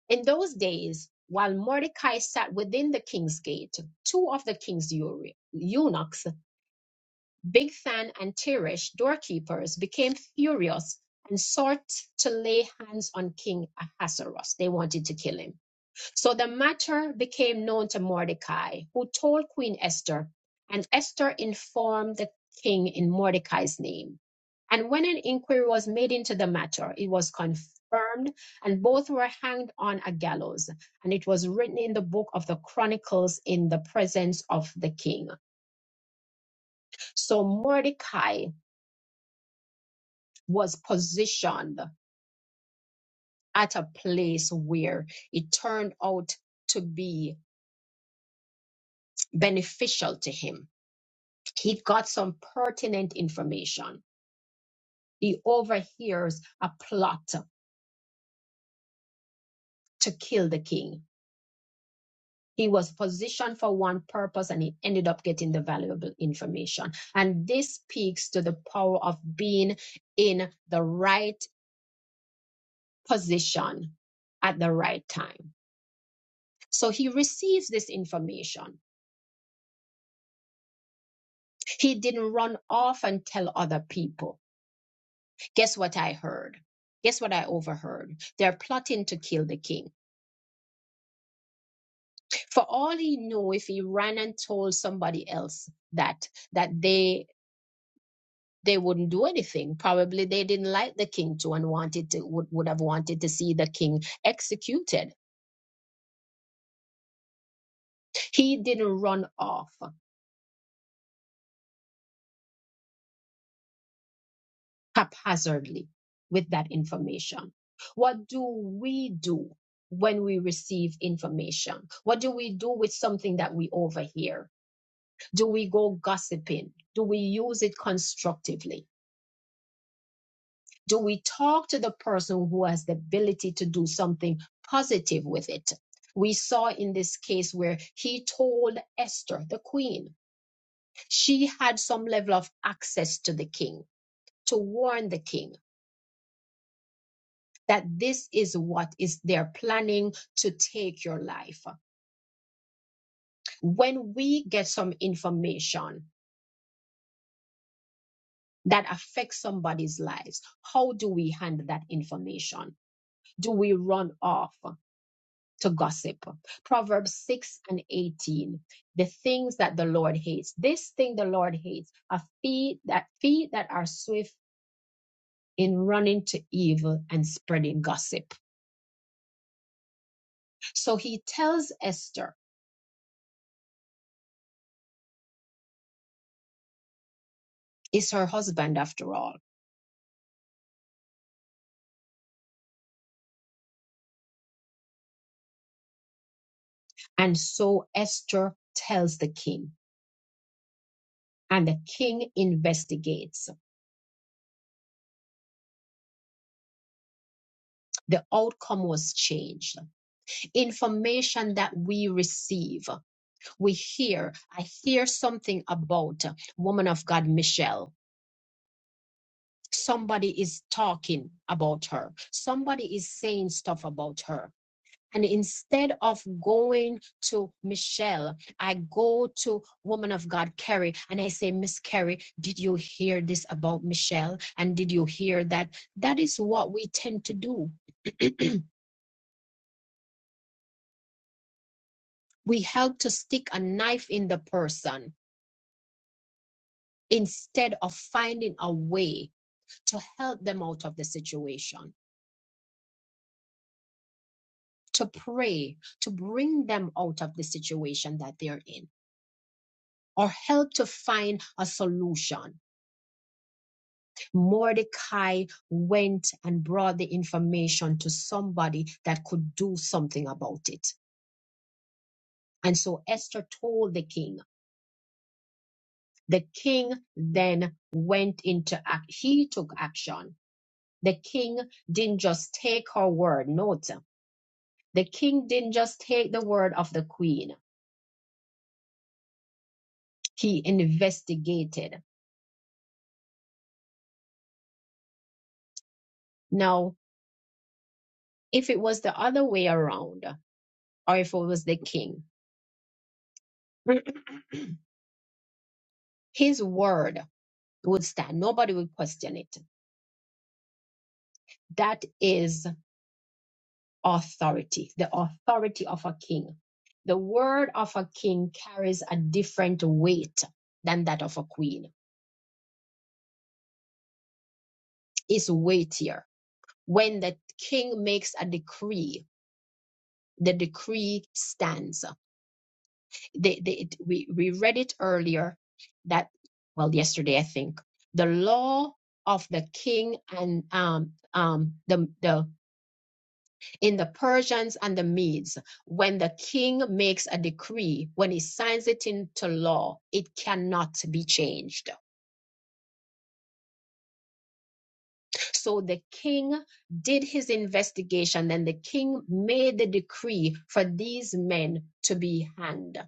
Speaker 1: In those days, while Mordecai sat within the king's gate, two of the king's eu- eunuchs, Bigthan and Teresh, doorkeepers, became furious and sought to lay hands on King Ahasuerus. They wanted to kill him. So the matter became known to Mordecai, who told Queen Esther, and Esther informed the king in Mordecai's name. And when an inquiry was made into the matter, it was confirmed, and both were hanged on a gallows. And it was written in the book of the Chronicles in the presence of the king. So Mordecai was positioned at a place where it turned out to be beneficial to him. He got some pertinent information. He overhears a plot to kill the king He was positioned for one purpose and he ended up getting the valuable information. And this speaks to the power of being in the right position at the right time. So he receives this information. He didn't run off and tell other people. Guess what I heard? Guess what I overheard? They're plotting to kill the king. For all he knew, if he ran and told somebody else that, that they they wouldn't do anything. Probably they didn't like the king too and wanted to would, would have wanted to see the king executed. He didn't run off haphazardly with that information. What do we do when we receive information? What do we do with something that we overhear? Do we go gossiping? Do we use it constructively? Do we talk to the person who has the ability to do something positive with it? We saw in this case where he told Esther, the queen, she had some level of access to the king to warn the king that this is what is they're planning to take your life. When we get some information that affects somebody's lives, how do we handle that information? Do we run off? to gossip. Proverbs 6 and 18. The things that the Lord hates. This thing the Lord hates are feet that feet that are swift in running to evil and spreading gossip. So he tells Esther, it's her husband after all. And so Esther tells the king. And the king investigates. The outcome was changed. Information that we receive, we hear. I hear something about woman of God, Michelle. somebody is talking about her somebody is saying stuff about her and instead of going to michelle i go to woman of god carrie and i say miss carrie did you hear this about michelle and did you hear that that is what we tend to do we help to stick a knife in the person instead of finding a way to help them out of the situation to pray to bring them out of the situation that they're in or help to find a solution. Mordecai went and brought the information to somebody that could do something about it. And so Esther told the king. The king then went into act. He took action. The king didn't just take her word. Note, the king didn't just take the word of the queen. He investigated. Now, if it was the other way around, or if it was the king, his word would stand. Nobody would question it. That is authority, the authority of a king. The word of a king carries a different weight than that of a queen. It's weightier. When the king makes a decree, the decree stands. They, they, it- we, we read it earlier that, well, yesterday, I think. The law of the king and um, um, the, the in the Persians and the Medes, when the king makes a decree, when he signs it into law, it cannot be changed. So the king did his investigation and the king made the decree for these men to be hanged.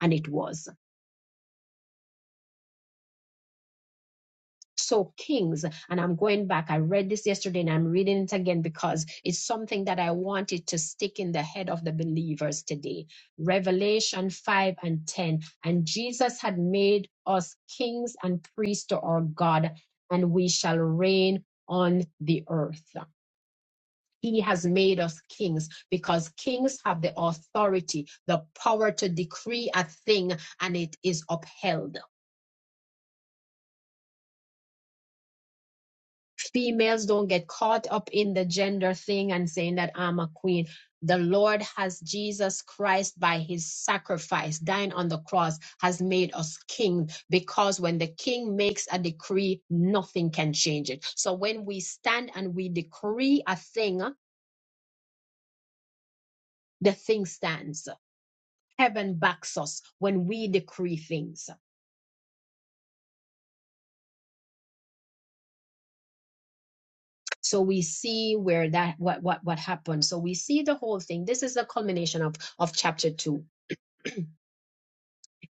Speaker 1: And it was. So, Kings, and I'm going back, I read this yesterday and I'm reading it again because it's something that I wanted to stick in the head of the believers today. Revelation 5 and 10. And Jesus had made us kings and priests to our God, and we shall reign on the earth. He has made us kings because kings have the authority, the power to decree a thing, and it is upheld females don't get caught up in the gender thing and saying that I'm a queen. The Lord has Jesus Christ by his sacrifice, dying on the cross, has made us king because when the king makes a decree, nothing can change it. So when we stand and we decree a thing, the thing stands. Heaven backs us when we decree things. So we see where that what what what happened. So we see the whole thing. This is the culmination of of chapter two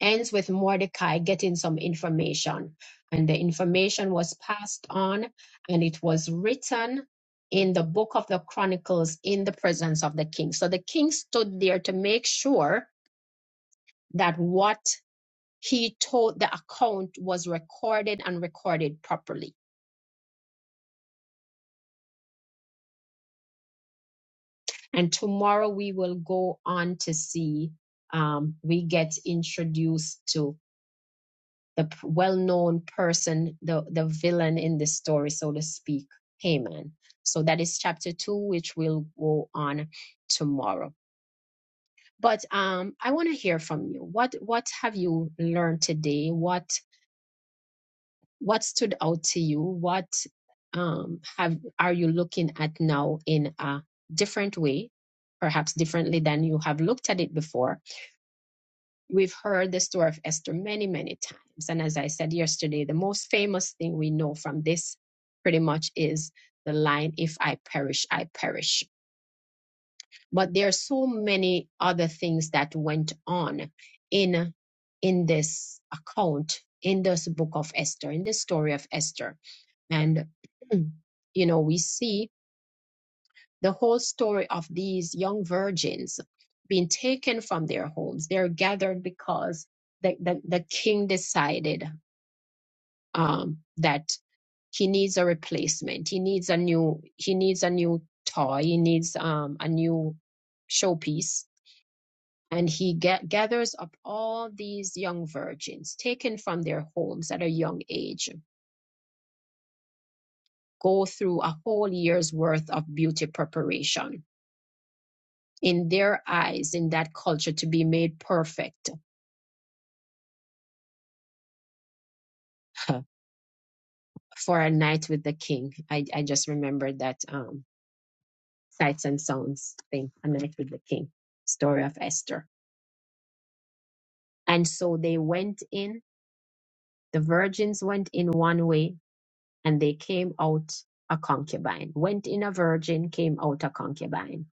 Speaker 1: ends with Mordecai getting some information. And the information was passed on and it was written in the book of the Chronicles in the presence of the king. So the king stood there to make sure that what he told the account was recorded and recorded properly. And tomorrow we will go on to see, um, we get introduced to the well-known person, the the villain in the story, so to speak, Haman. So that is chapter two, which will go on tomorrow. But um, I want to hear from you. What what have you learned today? What what stood out to you? What um, have are you looking at now in a different way, perhaps differently than you have looked at it before? We've heard the story of Esther many, many times. And as I said yesterday, the most famous thing we know from this pretty much is the line, If I perish, I perish. But there are so many other things that went on in, in this account, in this book of Esther, in the story of Esther. And, you know, we see the whole story of these young virgins being taken from their homes. They're gathered because the, the, the king decided um, that he needs a replacement. He needs a new he needs a new toy. He needs um, a new showpiece. And he ga- gathers up all these young virgins taken from their homes at a young age, go through a whole year's worth of beauty preparation in their eyes in that culture to be made perfect for a night with the king. I, I just remembered that um, sights and sounds thing, a night with the king, story of Esther. And so they went in, the virgins went in one way, and they came out a concubine, went in a virgin, came out a concubine.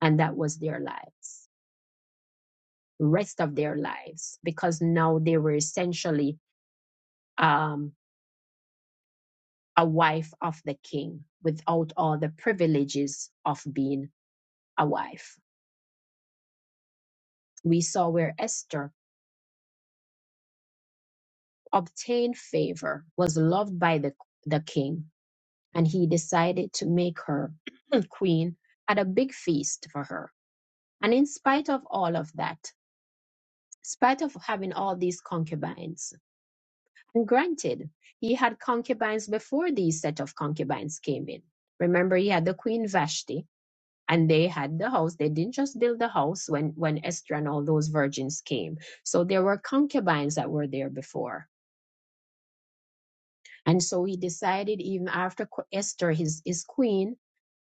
Speaker 1: And that was their lives, rest of their lives, because now they were essentially um, a wife of the king without all the privileges of being a wife. We saw where Esther obtained favor, was loved by the, the king, and he decided to make her queen at a big feast for her. And in spite of all of that, spite of having all these concubines, and granted, he had concubines before these set of concubines came in. Remember, he had the queen Vashti, and they had the house they didn't just build the house when when esther and all those virgins came so there were concubines that were there before and so he decided even after esther his his queen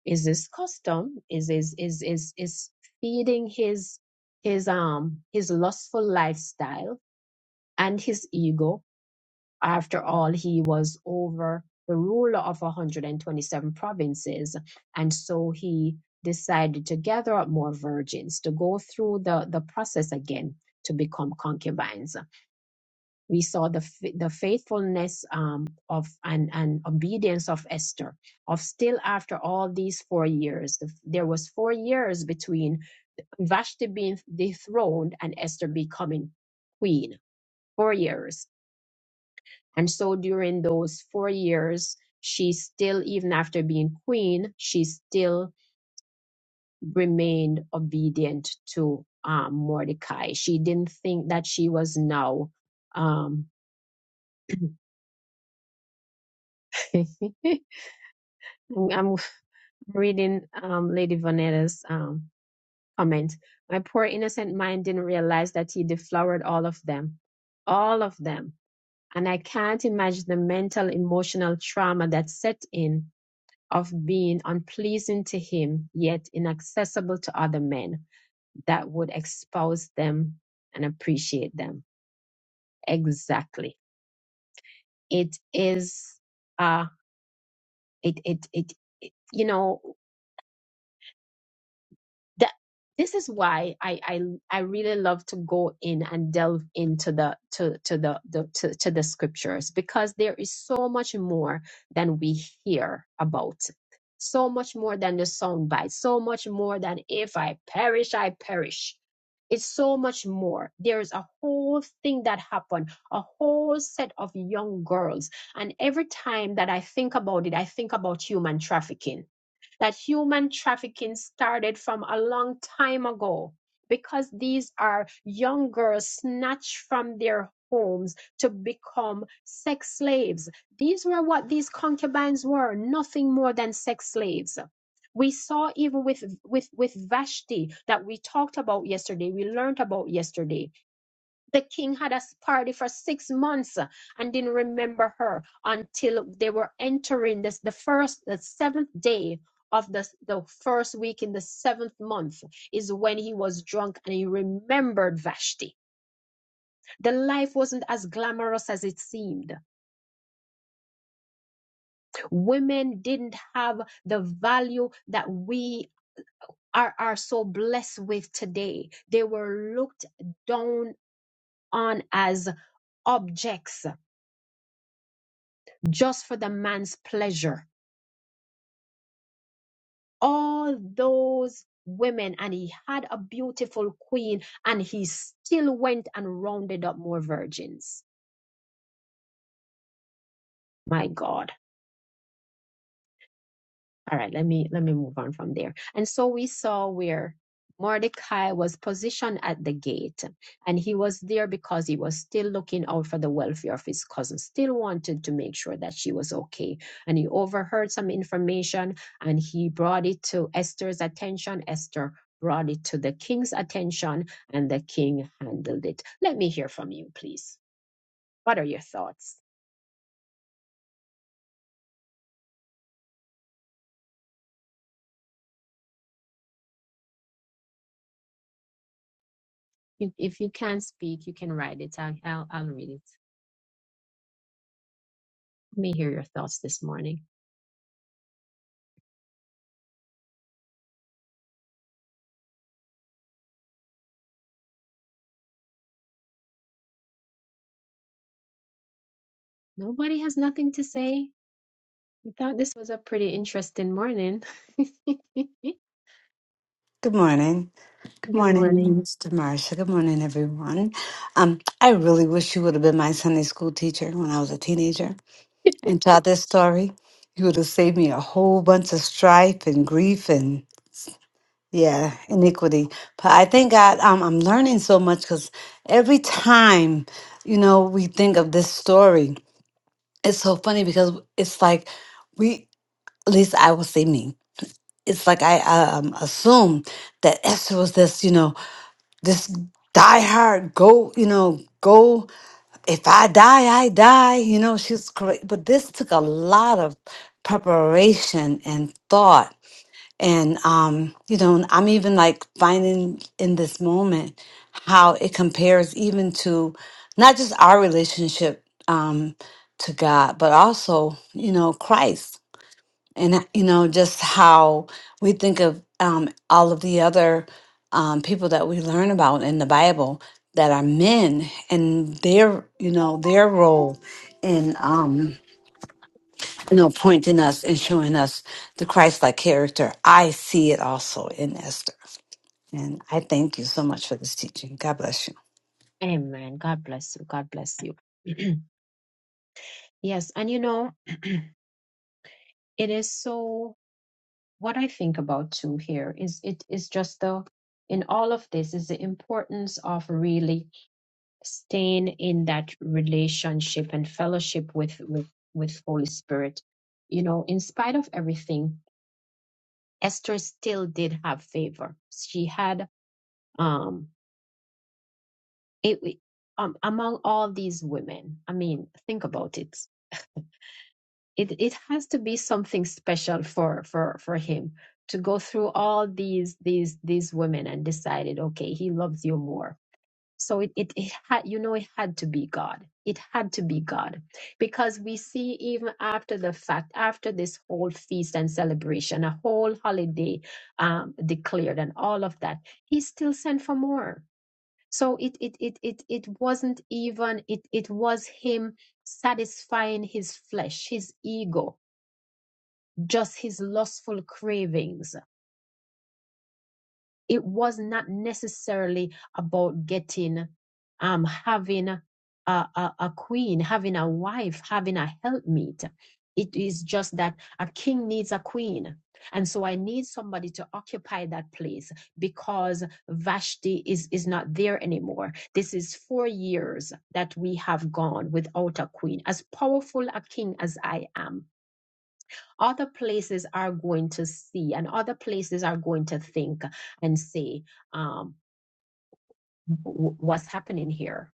Speaker 1: is his custom is is is is is feeding his his um his lustful lifestyle and his ego After all, he was over the ruler of 127 provinces. And so he decided to gather up more virgins to go through the, the process again to become concubines. We saw the, fa- the faithfulness um, of and, and obedience of Esther, of still after all these four years. The, there was four years between Vashti being dethroned and Esther becoming queen. Four years and so during those four years, she still, even after being queen, she still remained obedient to um, Mordecai. She didn't think that she was now. Um, I'm reading um, Lady Vanetta's um, comment. My poor innocent mind didn't realize that he deflowered all of them, all of them. And I can't imagine the mental, emotional trauma that set in of being unpleasing to him, yet inaccessible to other men that would expose them and appreciate them. Exactly. It is, uh, it, it, it, it you know, that this is why I, I I really love to go in and delve into the to to the, the to, to the scriptures because there is so much more than we hear about. So much more than the sound bite, so much more than if I perish, I perish. It's so much more. There's a whole thing that happened, a whole set of young girls. And every time that I think about it, I think about human trafficking that human trafficking started from a long time ago because these are young girls snatched from their homes to become sex slaves. These were what these concubines were, nothing more than sex slaves. We saw even with, with, with Vashti that we talked about yesterday, we learned about yesterday the king had a party for six months uh, and didn't remember her until they were entering this the first the seventh day of the, the first week in the seventh month is when he was drunk and he remembered Vashti. The life wasn't as glamorous as it seemed. Women didn't have the value that we are, are so blessed with today. They were looked down on as objects just for the man's pleasure all those women and he had a beautiful queen and he still went and rounded up more virgins. My God. All right, let me let me move on from there. And so we saw where Mordecai was positioned at the gate, and he was there because he was still looking out for the welfare of his cousin, still wanted to make sure that she was okay. And he overheard some information and he brought it to Esther's attention. Esther brought it to the king's attention, and the king handled it. Let me hear from you, please. What are your thoughts? You- If you can't speak, you can write it. I'll, I'll, I'll read it. Let me hear your thoughts this morning. Nobody has nothing to say. We thought this was a pretty interesting morning. Good
Speaker 2: Good morning. Good morning,
Speaker 1: morning.
Speaker 2: Mr. Marsha. Good morning, everyone. Um, I really wish you would have been my Sunday school teacher when I was a teenager and taught this story. You would have saved me a whole bunch of strife and grief and yeah, iniquity. But I thank God um, I'm learning so much because every time, you know, we think of this story, it's so funny because it's like we, at least I will say me, it's like I um, assume that Esther was this, you know, just die hard go you know go if i die i die you know she's great but this took a lot of preparation and thought and um you know and i'm even like finding in this moment how it compares even to not just our relationship um to god but also you know christ and you know just how we think of um, all of the other um, people that we learn about in the bible that are men and their you know their role in um you know pointing us and showing us the christ-like character i see it also in esther and i thank you so much for this teaching god bless you
Speaker 1: Amen. God bless you. God bless you. yes. And you know, it is so. what I think about too here is it is just the in all of this is the importance of really staying in that relationship and fellowship with with with Holy Spirit. You know, in spite of everything, Esther still did have favor. She had um it it- um among all these women. I mean, think about it. it it has to be something special for for for him to go through all these these these women and decided okay he loves you more so it, it it had you know it had to be god it had to be god because we see even after the fact after this whole feast and celebration a whole holiday um declared and all of that he still sent for more so it it it it, it wasn't even it it was him satisfying his flesh his ego just his lustful cravings. It was not necessarily about getting, um, having a, a, a queen, having a wife, having a helpmeet. It is just that a king needs a queen. And so I need somebody to occupy that place because Vashti is, is not there anymore. This is four years that we have gone without a queen. As powerful a king as I am, other places are going to see and other places are going to think and say, um, what's happening here?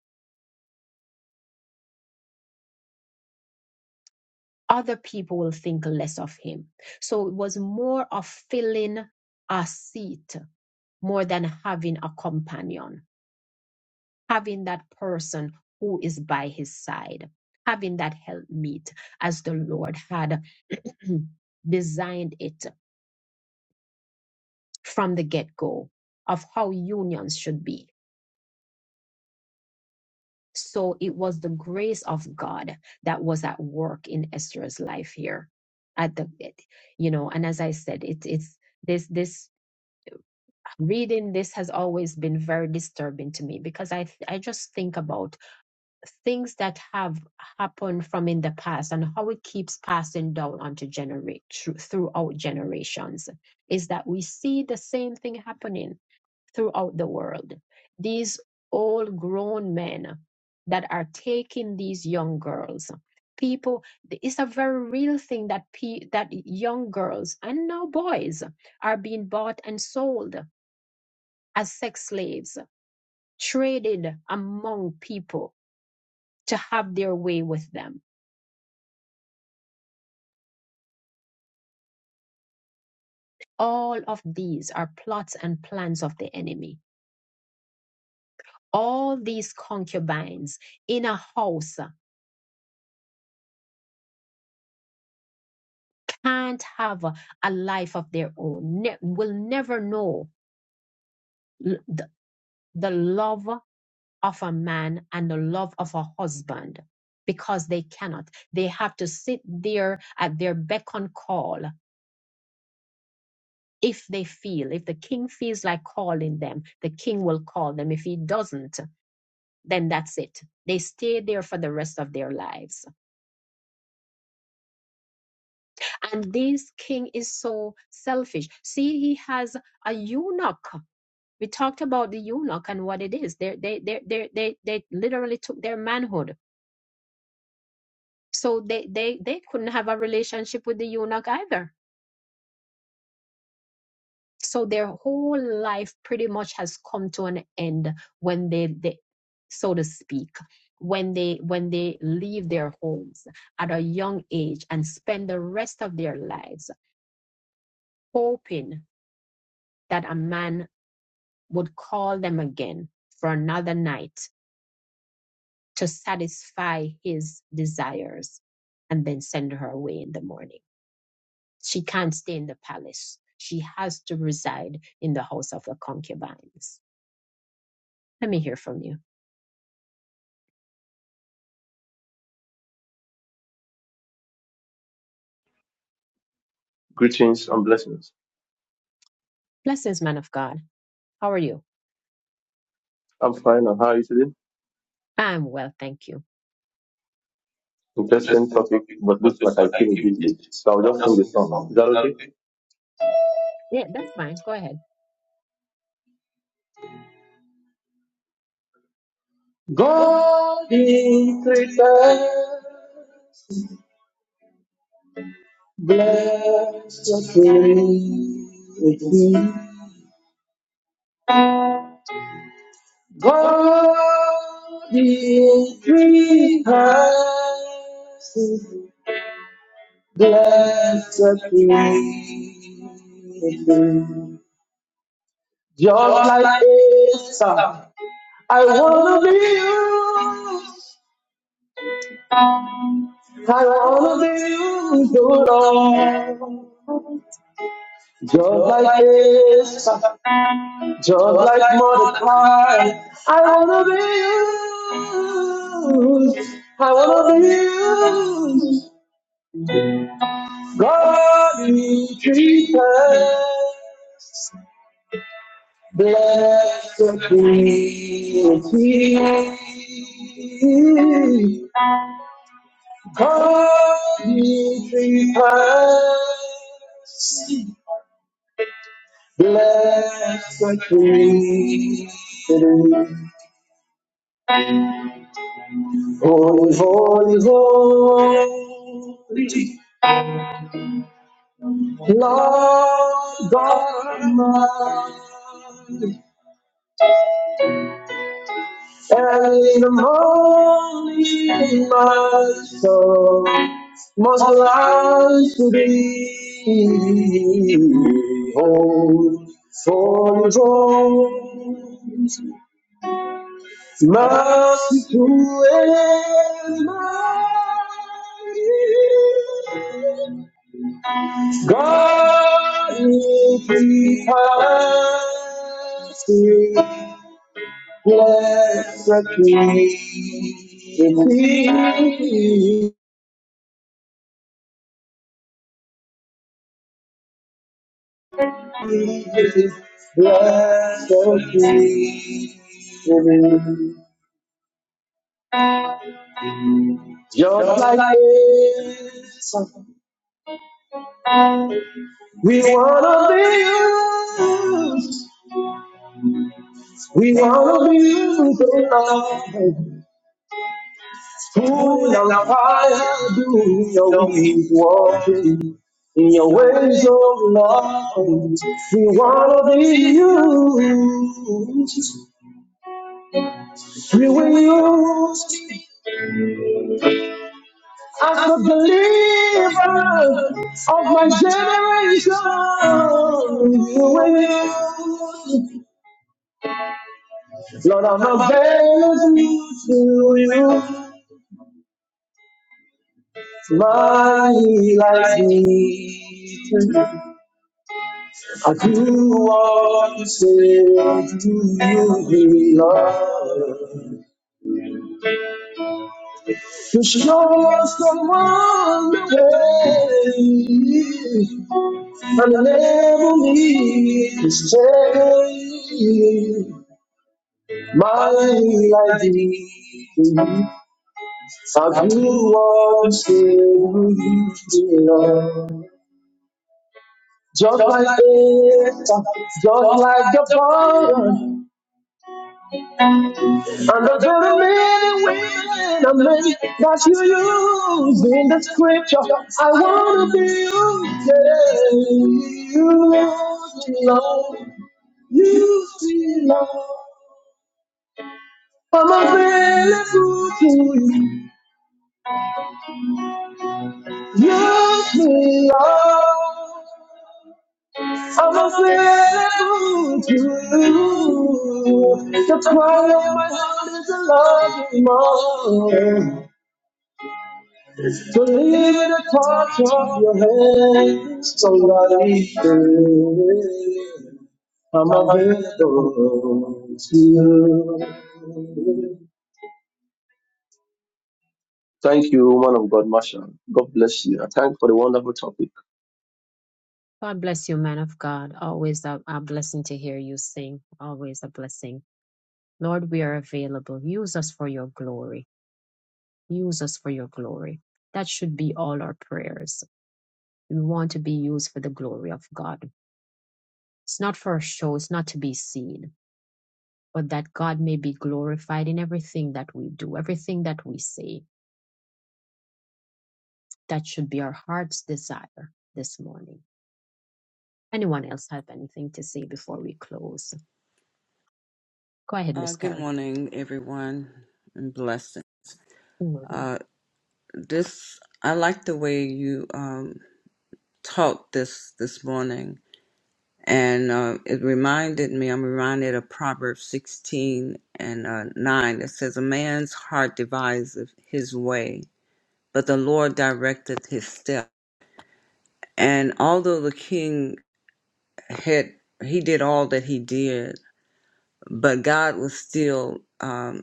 Speaker 1: Other people will think less of him. So it was more of filling a seat more than having a companion, having that person who is by his side, having that helpmeet, as the Lord had designed it from the get go of how unions should be. So it was the grace of God that was at work in Esther's life here. At the, it- you know, and as I said, it's it's this this reading this has always been very disturbing to me because I th- I just think about things that have happened from in the past and how it keeps passing down onto generate throughout generations is that we see the same thing happening throughout the world. These old grown men that are taking these young girls. People, it's a very real thing that pe- that young girls and now boys are being bought and sold as sex slaves, traded among people to have their way with them. All of these are plots and plans of the enemy. All these concubines in a house can't have a life of their own, ne- will never know l- the, the love of a man and the love of a husband because they cannot. They have to sit there at their beck and call. If they feel, if the king feels like calling them, the king will call them. If he doesn't, then that's it. They stay there for the rest of their lives. And this king is so selfish. See, he has a eunuch We talked about the eunuch and what it is. They they they they they they literally took their manhood, so they they they couldn't have a relationship with the eunuch either. So their whole life pretty much has come to an end when they they so to speak when they when they leave their homes at a young age and spend the rest of their lives hoping that a man would call them again for another night to satisfy his desires and then send her away in the morning. She can't stay in the palace. She has to reside in the house of the concubines. Let me hear from you.
Speaker 5: Greetings and blessings.
Speaker 1: Blessings, man of God. How are you?
Speaker 5: I'm fine. And how are you today?
Speaker 1: I'm well, thank you.
Speaker 5: Interesting topic, but looks like I like I came a bit late. So I'll just sing the song.
Speaker 1: Yeah, that's fine. Go ahead.
Speaker 5: Is that okay? okay? Three times blessed be. Just like like Esther, I wanna be you. I wanna be you, used, Lord. Just like like Esther, Just like Mordecai, I wanna be used. I wanna be used. God be treated. Blessed be he. God be treated. Blessed be He. Holy, holy, holy, Lord God Almighty, and the morning my soul must rise to thee. Holy, holy, holy, mercy to His mighty. God will be mercy. Bless the King. Bless the King. Just like this, we wanna be used. We wanna be used, oh love. Who in our fire do your weak walking? In your ways, oh Lord, we wanna be used. We will use as a believer of my generation. We will use, Lord, I'm available to you. My life needs I do what you say, do you, Lord? Cause show us the away, and I never need to stay. My life is I do what you do, Lord. Just like it, just like the fire. And the very men and women and men that you use in the scripture, I want to be used. Yeah. You belong, you belong. I'm available to you. Use me, Lord. I'm available to you. The cry of my heart is a loving one. To leave the touch of your hand, so light it. I'm available to you. Oh God, Masha. Go.
Speaker 1: God bless you, man of God. Always a, a blessing to hear you sing. Always a blessing. Lord, we are available. Use us for your glory. Use us for your glory. That should be all our prayers We want to be used for the glory of God. It's not for a show, it's not to be seen, but that God may be glorified in everything that we do, everything that we say. That should be our heart's desire this morning. Anyone else have anything to say before we close? Go ahead,
Speaker 6: Uh,
Speaker 1: Miss
Speaker 6: good
Speaker 1: Carrie.
Speaker 6: morning, everyone, and blessing.
Speaker 1: morning.
Speaker 6: Uh, this I like the way you um, taught this this morning, and uh, it reminded me. I'm reminded of Proverbs 16 and uh, 9. It says, "A man's heart deviseth his way, but the Lord directeth his step." And although the king had he did all that he did, but God was still. um,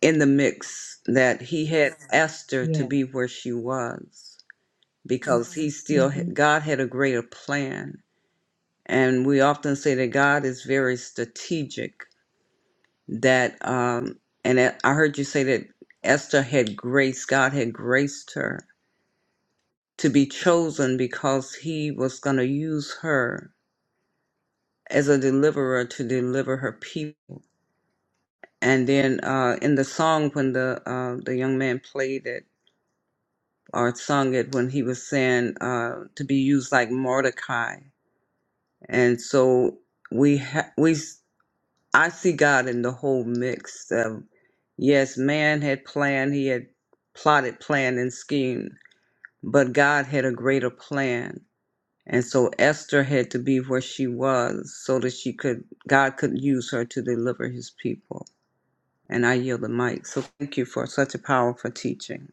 Speaker 6: in the mix that he had Mhm. asked her to
Speaker 1: Yeah.
Speaker 6: be where she was because Mhm. he still
Speaker 1: hmm
Speaker 6: had- God had a greater plan and we often say that God is very strategic that um and I I heard you say that Esther had grace God had graced her to be chosen because he was going to use her as a deliverer to deliver her people and then uh in the song when the uh the young man played it or sung it when he was saying uh, to be used like Mordecai. And so we ha- we s- I see God in the whole mix of yes, man had planned, he had plotted, planned, and schemed, but God had a greater plan. And so Esther had to be where she was so that she could God could use her to deliver his people. And I yield the mic. So thank you for such a powerful teaching.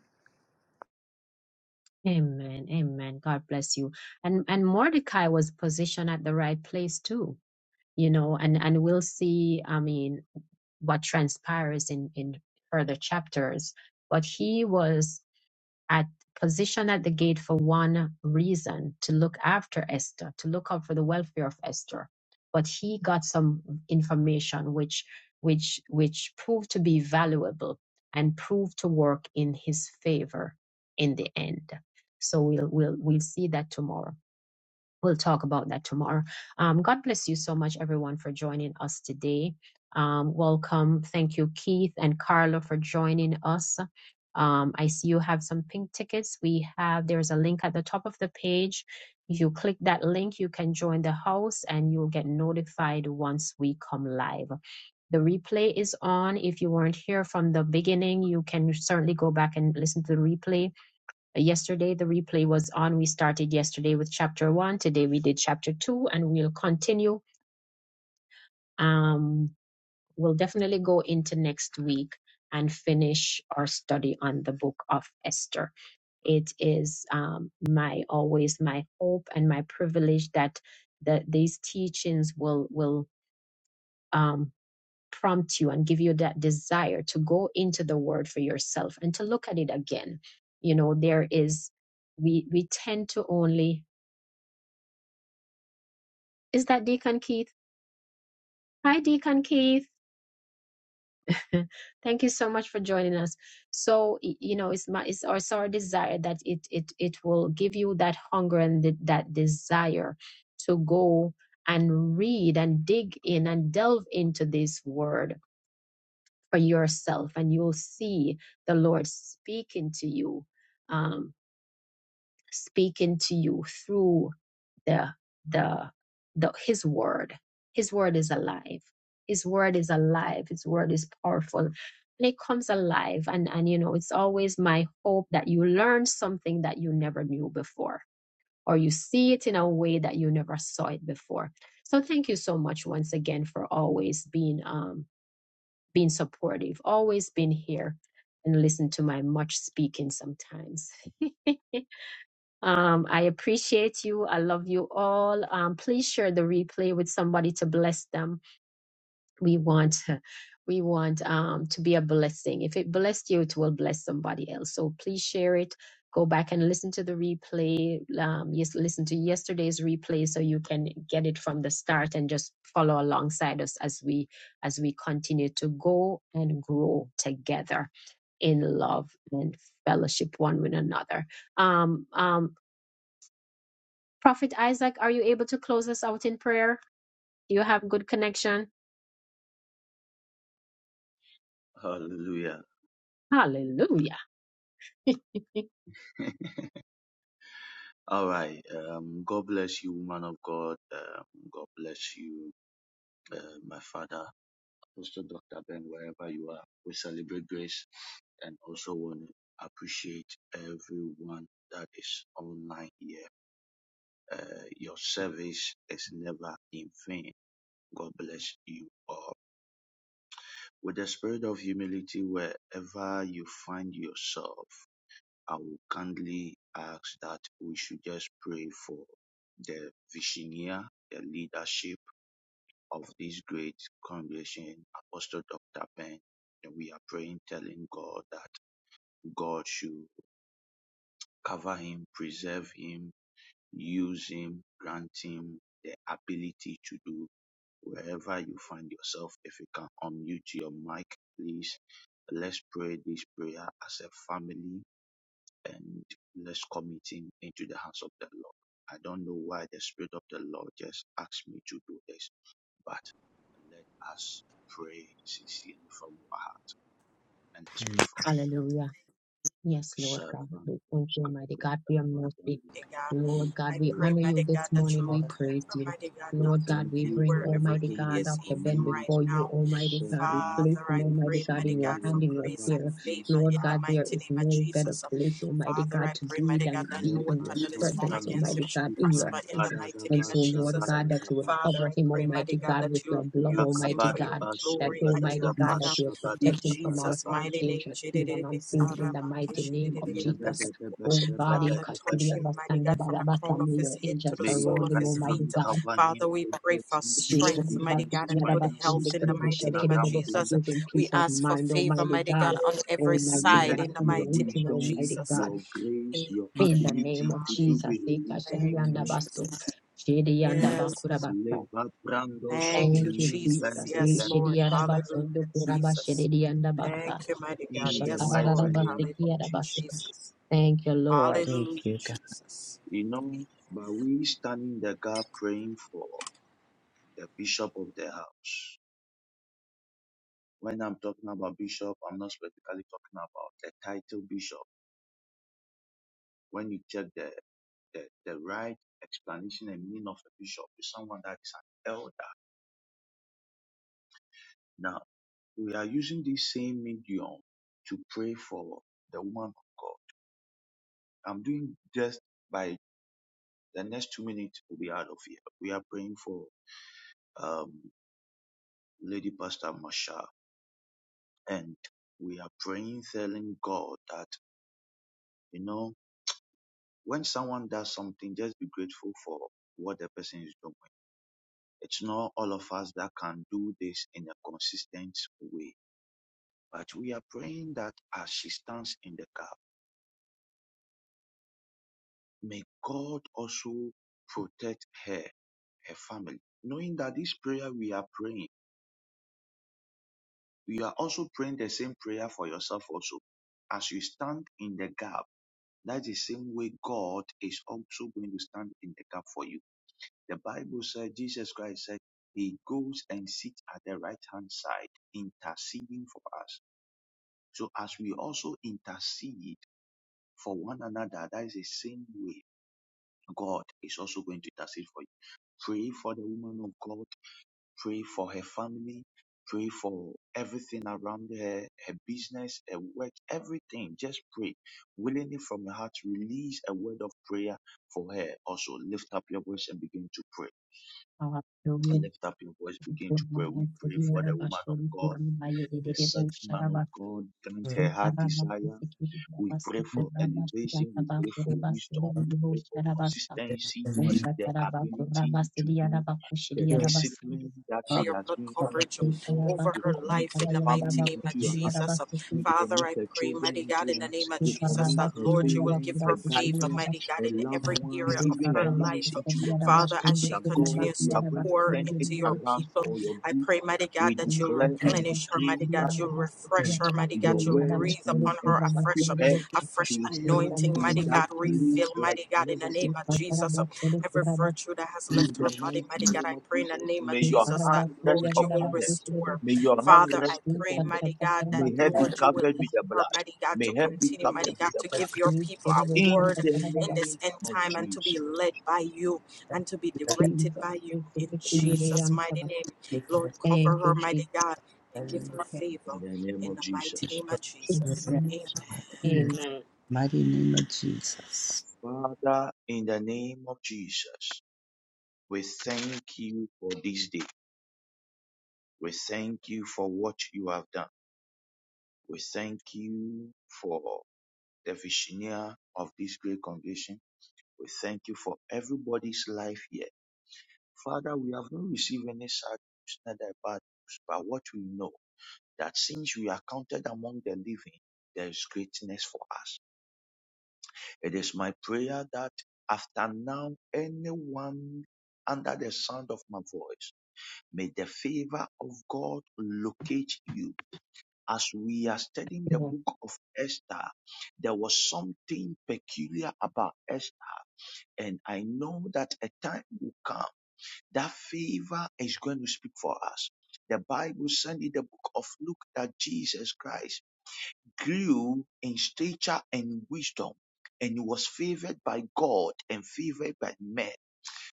Speaker 1: Amen. Amen. God bless you. And and Mordecai was positioned at the right place too. You know, and and we'll see. I mean, what transpires in, in further chapters. But he was at position at the gate for one reason to look after Esther, to look out for the welfare of Esther. But he got some information which which which proved to be valuable and proved to work in his favor in the end. So we'll we'll we'll see that tomorrow we'll talk about that tomorrow. Um, God bless you so much, everyone, for joining us today. Um, welcome. Thank you, Keith and Carla, for joining us. Um, I see you have some pink tickets. We have, there's a link at the top of the page. If you click that link, you can join the house and you'll get notified once we come live. The replay is on. If you weren't here from the beginning, you can certainly go back and listen to the replay Yesterday, the replay was on. We started yesterday with chapter one. Today, we did chapter two, and we'll continue. Um, we'll definitely go into next week and finish our study on the book of Esther. It is um, my always my hope and my privilege that that these teachings will will um, prompt you and give you that desire to go into the Word for yourself and to look at it again. You know, there is we we tend to only Is that Deacon Keith? Hi, Deacon Keith. Thank you so much for joining us. So, y- you know, it's my it's our, our desire that it it it will give you that hunger and th- that desire to go and read and dig in and delve into this word for yourself, and you'll see the Lord speaking to you, um, speaking to you through the the the his word his word is alive his word is alive his word is powerful and it comes alive and and you know it's always my hope that you learn something that you never knew before or you see it in a way that you never saw it before so thank you so much once again for always being um being supportive always being here and listen to my much speaking sometimes Um, I appreciate you. I love you all. Um, please share the replay with somebody to bless them. We want, we want um, to be a blessing. If it blessed you, it will bless somebody else. So please share it. Go back and listen to the replay. Um, yes, listen to yesterday's replay so you can get it from the start and just follow alongside us as we as we continue to go and grow together in love and fellowship one with another. Um, um, Prophet Isaac, are you able to close us out in prayer? Do you have good connection?
Speaker 7: Hallelujah.
Speaker 1: Hallelujah.
Speaker 7: All right. Um, God bless you, man of God. Um, God bless you, uh, my father, Apostle Dr. Ben, wherever you are. We celebrate grace and also want to appreciate everyone that is online here. Uh, your service is never in vain. God bless you all. With the spirit of humility, wherever you find yourself, I will kindly ask that we should just pray for the visioneer, the leadership of this great congregation, Apostle Dr. Ben. And we are praying, telling God that God should cover him, preserve him, use him, grant him the ability to do wherever you find yourself. If you can unmute your mic, please. Let's pray this prayer as a family and let's commit him into the hands of the Lord. I don't know why the Spirit of the Lord just asked me to do this, but let us pray sincerely from our heart and let's pray for him.
Speaker 1: Hallelujah. Yes, Lord God.
Speaker 7: Servant,
Speaker 1: We thank you, Almighty God, for your
Speaker 7: Father,
Speaker 1: mercy.
Speaker 8: mighty God.
Speaker 7: we
Speaker 1: Lord God,
Speaker 8: I
Speaker 1: we
Speaker 7: pray.
Speaker 8: pray,
Speaker 1: honor you
Speaker 8: mighty God,
Speaker 1: this
Speaker 8: that
Speaker 1: morning.
Speaker 8: you will
Speaker 1: We praise
Speaker 8: cover,
Speaker 1: you.
Speaker 8: mighty God,
Speaker 7: We
Speaker 1: Lord
Speaker 8: Dr.
Speaker 1: God,
Speaker 7: thank
Speaker 1: we
Speaker 8: Ben,
Speaker 7: you
Speaker 1: bring
Speaker 7: for
Speaker 8: wherever
Speaker 1: Almighty
Speaker 8: he
Speaker 7: everything we
Speaker 1: God,
Speaker 8: is,
Speaker 1: Dr.
Speaker 8: even
Speaker 1: Ben,
Speaker 7: commit,
Speaker 8: right
Speaker 1: before you,
Speaker 8: now.
Speaker 7: the
Speaker 1: Almighty God. We
Speaker 7: servant,
Speaker 1: place
Speaker 8: Father,
Speaker 1: him,
Speaker 8: I
Speaker 7: the
Speaker 1: Almighty
Speaker 8: pray,
Speaker 1: God, in
Speaker 8: mighty
Speaker 7: visioner,
Speaker 1: your
Speaker 8: God, for
Speaker 1: hand, in your
Speaker 8: grace
Speaker 7: wherever
Speaker 8: and
Speaker 1: care.
Speaker 7: he is
Speaker 8: favor in
Speaker 1: Lord
Speaker 8: the
Speaker 7: now.
Speaker 1: God, there
Speaker 8: mighty
Speaker 1: is
Speaker 8: name of
Speaker 1: no better
Speaker 8: Jesus.
Speaker 1: place, Almighty
Speaker 8: Father, I
Speaker 1: God, to
Speaker 8: pray,
Speaker 1: be
Speaker 8: mighty God,
Speaker 1: than
Speaker 8: that no
Speaker 1: be
Speaker 7: Let
Speaker 1: in your
Speaker 8: weapon
Speaker 7: us
Speaker 8: that is
Speaker 7: stop
Speaker 8: formed
Speaker 1: presence,
Speaker 8: against
Speaker 7: Lando
Speaker 8: him
Speaker 1: Almighty
Speaker 8: shall
Speaker 1: God, in your
Speaker 8: prosper
Speaker 7: Stephen
Speaker 8: in the
Speaker 1: hands.
Speaker 8: mighty
Speaker 1: And
Speaker 8: name
Speaker 7: Padadaba
Speaker 1: so,
Speaker 8: of
Speaker 1: Lord
Speaker 8: Jesus.
Speaker 1: God, that you would
Speaker 7: Sabadaba
Speaker 8: Father,
Speaker 1: cover
Speaker 8: I
Speaker 1: him,
Speaker 8: pray,
Speaker 1: Almighty
Speaker 8: mighty God,
Speaker 1: God, with
Speaker 8: that
Speaker 1: your
Speaker 8: you
Speaker 1: blood,
Speaker 8: use him
Speaker 1: Almighty
Speaker 8: for
Speaker 7: Rakabada
Speaker 8: your
Speaker 1: God.
Speaker 7: Basha
Speaker 1: That
Speaker 8: glory
Speaker 7: Bada
Speaker 8: and
Speaker 1: Almighty
Speaker 8: your
Speaker 7: da
Speaker 1: God,
Speaker 8: honor.
Speaker 1: that you
Speaker 7: Basha
Speaker 1: are
Speaker 7: Bada
Speaker 8: In
Speaker 7: da
Speaker 1: protecting from
Speaker 7: Bada
Speaker 1: all
Speaker 8: Jesus'
Speaker 7: Ba
Speaker 1: harm,
Speaker 8: mighty
Speaker 1: dangerous, seen and
Speaker 8: name.
Speaker 1: unseen, in the mighty name of
Speaker 7: Yabada da
Speaker 1: Jesus.
Speaker 7: Rakabadabashabadadabashabadadabadaba.
Speaker 1: Oh God, eh,
Speaker 8: Father,
Speaker 1: Kashidi
Speaker 8: touch him, mighty
Speaker 7: Yebedebesebedebedebedebe.
Speaker 1: Abasanda
Speaker 8: God, from the crown of
Speaker 1: Barabasami,
Speaker 8: his
Speaker 1: your
Speaker 8: head to
Speaker 1: angels
Speaker 8: the
Speaker 7: May your
Speaker 8: sole
Speaker 1: surround
Speaker 8: of
Speaker 1: him,
Speaker 8: his
Speaker 7: right
Speaker 1: Almighty
Speaker 8: feet.
Speaker 7: hand
Speaker 1: God.
Speaker 7: cover him,
Speaker 8: Father, we pray
Speaker 7: protect
Speaker 8: for
Speaker 7: him,
Speaker 1: shake
Speaker 7: his
Speaker 8: strength, mighty
Speaker 7: business,
Speaker 8: God,
Speaker 7: his
Speaker 1: Shekurabasiki
Speaker 8: and good health
Speaker 1: Arabasende
Speaker 7: finances,
Speaker 8: in the mighty
Speaker 7: everything
Speaker 1: Kirebusha
Speaker 8: name of
Speaker 7: around
Speaker 1: Kirebusa,
Speaker 7: him.
Speaker 8: Jesus.
Speaker 1: Give him
Speaker 8: We
Speaker 1: peace of
Speaker 8: ask for
Speaker 1: mind,
Speaker 8: favor,
Speaker 1: Almighty
Speaker 8: mighty God,
Speaker 1: God.
Speaker 8: on every
Speaker 1: Almighty
Speaker 8: side
Speaker 7: Let
Speaker 1: God,
Speaker 8: in the
Speaker 7: your
Speaker 8: mighty name
Speaker 1: anointing,
Speaker 8: of
Speaker 7: wisdom,
Speaker 1: Almighty
Speaker 8: Jesus.
Speaker 1: God.
Speaker 7: your grace,
Speaker 8: Amen.
Speaker 7: your
Speaker 1: In the name
Speaker 7: ability
Speaker 1: of
Speaker 7: to
Speaker 8: Hallelujah.
Speaker 7: do
Speaker 1: Jesus,
Speaker 7: be
Speaker 1: eh,
Speaker 7: released
Speaker 1: Kashidi
Speaker 8: Thank
Speaker 7: upon
Speaker 8: you,
Speaker 7: him.
Speaker 1: Andabaso,
Speaker 8: Jesus.
Speaker 1: Shidi
Speaker 8: Yes.
Speaker 1: Andabakurabasa.
Speaker 7: Leva brandos
Speaker 8: Thank you,
Speaker 1: Thank you,
Speaker 7: imem
Speaker 8: Jesus.
Speaker 1: Jesus.
Speaker 7: bende
Speaker 8: Yes, Lord.
Speaker 7: vendos.
Speaker 8: Hallelujah, Jesus.
Speaker 1: Rishidiyarabasundukurabashi-didiyandabasa.
Speaker 8: Thank you, mighty God.
Speaker 7: In the
Speaker 8: Yes,
Speaker 7: mighty
Speaker 8: Lord.
Speaker 7: name
Speaker 8: Hallelujah,
Speaker 7: of
Speaker 1: Shakarararabasikiyarabasi.
Speaker 7: Jesus.
Speaker 8: Jesus.
Speaker 1: Thank you, Lord.
Speaker 8: Hallelujah, Jesus.
Speaker 7: You
Speaker 8: Amen.
Speaker 7: know, but we stand in the gap praying for the bishop of the house. When I'm talking about bishop, I'm not specifically talking about the title bishop. When you check the, the, the right explanation and meaning of a bishop is someone that is an elder. Now, we are using this same medium to pray for the woman of God. I'm doing just by the next two minutes, we'll be out of here. We are praying for um, Lady Pastor Masha and we are praying, telling God that, you know, when someone does something, just be grateful for what the person is doing. It's not all of us that can do this in a consistent way, but we are praying that as she stands in the gap, may God also protect her, her family, knowing that this prayer we are praying, we are also praying the same prayer for yourself also. As you stand in the gap, that's the same way God is also going to stand in the gap for you The Bible said Jesus Christ said he goes and sits at the right hand side interceding for us. So as we also intercede for one another, that is the same way God is also going to intercede for you. Pray for the woman of God, pray for her family, pray for everything around her, her business, her work, everything. Just pray willingly from your heart. Release a word of prayer for her. Also lift up your voice and begin to pray.
Speaker 1: Hallelujah.
Speaker 7: Lift up your voice, begin to pray. We pray for the woman of God, the set man of
Speaker 1: Kurabasundukurabayedididibusharabasa.
Speaker 7: God, grant her heart desire. We pray for elevation, we pray for wisdom, we pray for
Speaker 1: Shikarabasikiriyabasukurabashiyarabakurabasirididibusharabasa.
Speaker 7: consistency, the ability to do the
Speaker 1: Ushakarabakurabasidiyabakushidiyarabasidu.
Speaker 7: discipline that
Speaker 8: for
Speaker 7: she
Speaker 8: your
Speaker 7: has
Speaker 8: blood
Speaker 7: been on,
Speaker 8: coverage
Speaker 7: oh God,
Speaker 8: over
Speaker 7: we
Speaker 8: her
Speaker 7: commit
Speaker 8: life
Speaker 7: her
Speaker 8: in the mighty
Speaker 7: family
Speaker 8: name
Speaker 7: into
Speaker 8: of
Speaker 7: your hands.
Speaker 8: Jesus.
Speaker 1: Shikarabakusakarayandabakushidiyarabasi.
Speaker 7: We
Speaker 8: Father,
Speaker 7: commit
Speaker 8: I
Speaker 7: her
Speaker 8: pray, mighty
Speaker 7: children
Speaker 8: God,
Speaker 7: into
Speaker 8: in
Speaker 7: her.
Speaker 8: the
Speaker 7: hands.
Speaker 1: Jesus,
Speaker 8: name of
Speaker 7: We
Speaker 8: Jesus,
Speaker 7: commit
Speaker 8: that
Speaker 1: thank
Speaker 7: her
Speaker 8: Lord, you will give
Speaker 7: parents, her
Speaker 8: her favor,
Speaker 7: guidance,
Speaker 8: mighty God,
Speaker 7: her
Speaker 8: in
Speaker 7: loved
Speaker 8: every
Speaker 7: ones,
Speaker 8: area of
Speaker 7: even her
Speaker 8: her
Speaker 7: enemies
Speaker 8: life.
Speaker 7: into your hands.
Speaker 8: Father, as she
Speaker 7: That God,
Speaker 8: continues
Speaker 7: you
Speaker 8: to
Speaker 7: are going to
Speaker 8: pour
Speaker 7: turn it
Speaker 8: into your
Speaker 7: around
Speaker 8: people,
Speaker 7: for your
Speaker 8: I
Speaker 7: good.
Speaker 8: pray, mighty
Speaker 7: We
Speaker 8: God, that you'll
Speaker 7: declare and
Speaker 8: replenish her,
Speaker 7: decree
Speaker 8: mighty God,
Speaker 7: that
Speaker 8: you'll refresh her, mighty God,
Speaker 7: your
Speaker 8: you'll
Speaker 7: words
Speaker 8: breathe
Speaker 7: will
Speaker 8: upon her a
Speaker 7: equip
Speaker 8: fresh,
Speaker 7: her.
Speaker 8: a
Speaker 7: She
Speaker 8: fresh
Speaker 7: will stand
Speaker 8: anointing,
Speaker 7: in
Speaker 8: mighty
Speaker 7: that
Speaker 8: God,
Speaker 7: place
Speaker 8: refill,
Speaker 7: like
Speaker 8: mighty God, in the
Speaker 7: never
Speaker 8: name of
Speaker 7: before.
Speaker 8: Jesus. Every virtue that has
Speaker 7: In
Speaker 8: left
Speaker 7: the
Speaker 8: her body,
Speaker 7: mighty
Speaker 8: mighty God,
Speaker 7: name
Speaker 8: I
Speaker 7: of
Speaker 8: pray in the
Speaker 7: Jesus,
Speaker 8: name of
Speaker 7: may your
Speaker 8: Jesus that,
Speaker 7: hand rest
Speaker 8: Lord, you will
Speaker 7: upon her.
Speaker 8: restore.
Speaker 7: May your hand
Speaker 8: Father, I
Speaker 7: rest
Speaker 8: pray,
Speaker 7: upon them.
Speaker 8: mighty God, that,
Speaker 7: May her be
Speaker 8: Lord, you will
Speaker 7: covered with
Speaker 8: help
Speaker 7: the
Speaker 8: her,
Speaker 7: blood.
Speaker 8: mighty God, to
Speaker 7: May her be
Speaker 8: continue, mighty
Speaker 7: covered with
Speaker 8: God,
Speaker 7: the
Speaker 8: to
Speaker 7: blood.
Speaker 8: give your people a
Speaker 7: In
Speaker 8: word
Speaker 7: the
Speaker 8: in
Speaker 7: name
Speaker 8: this end
Speaker 7: of
Speaker 8: time and to
Speaker 7: Jesus.
Speaker 8: be led by you and to be directed by you. In Jesus' mighty name, Lord, cover
Speaker 1: you,
Speaker 8: her,
Speaker 1: Jesus.
Speaker 8: mighty God, and give her favor
Speaker 7: In the name
Speaker 8: in
Speaker 7: of
Speaker 8: the mighty
Speaker 7: Jesus.
Speaker 8: name of
Speaker 1: In the
Speaker 8: Jesus.
Speaker 1: name of Jesus.
Speaker 6: In
Speaker 8: Amen.
Speaker 6: the
Speaker 1: Amen.
Speaker 6: mighty name of Jesus.
Speaker 7: Father, in the name of Jesus, we thank you for this day. We thank you for what you have done. We thank you for the visionaire of this great congregation. We thank you for everybody's life here. Father, we have not received any sad news, neither bad news, but what we know. that since we are counted among the living, there is greatness for us. It is my prayer that after now, anyone under the sound of my voice, may the favor of God locate you. As we are studying the
Speaker 1: Lord,
Speaker 7: book of Esther, there was something peculiar about Esther, and I know that a time will come that favor is going to speak for us. The Bible said in the book of Luke that Jesus Christ grew in stature and wisdom and he was favored by God and favored by men.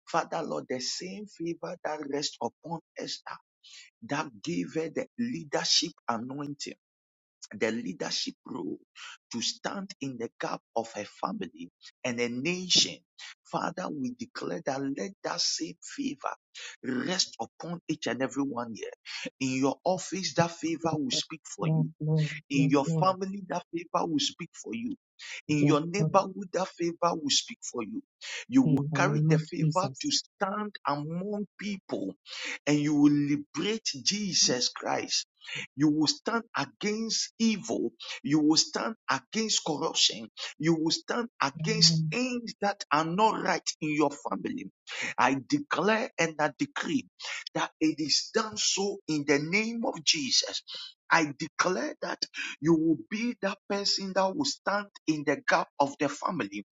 Speaker 7: Father Lord, the same favor that rests upon Esther that gave her the leadership anointing, the leadership role to stand in the gap of her family and a nation. Father, we declare that let that same favor rest upon each and every one here. In your office, that favor will
Speaker 1: Jesus.
Speaker 7: speak for
Speaker 1: Lord,
Speaker 7: you
Speaker 1: Lord.
Speaker 7: in
Speaker 1: Yes,
Speaker 7: your
Speaker 1: Lord.
Speaker 7: family, that favor will speak for you. In
Speaker 1: Yes,
Speaker 7: your
Speaker 1: Lord.
Speaker 7: neighborhood, that favor will speak for you. You
Speaker 1: In
Speaker 7: will
Speaker 1: the
Speaker 7: carry
Speaker 1: name
Speaker 7: the
Speaker 1: of
Speaker 7: favor to
Speaker 1: Jesus.
Speaker 7: stand among people and you will liberate Jesus Christ. You will stand against evil. You will stand against corruption. You will stand against
Speaker 1: Amen.
Speaker 7: things that are not right in your family. I declare and I decree that it is done so in the name of Jesus. I declare that you will be that person that will stand in the gap of the family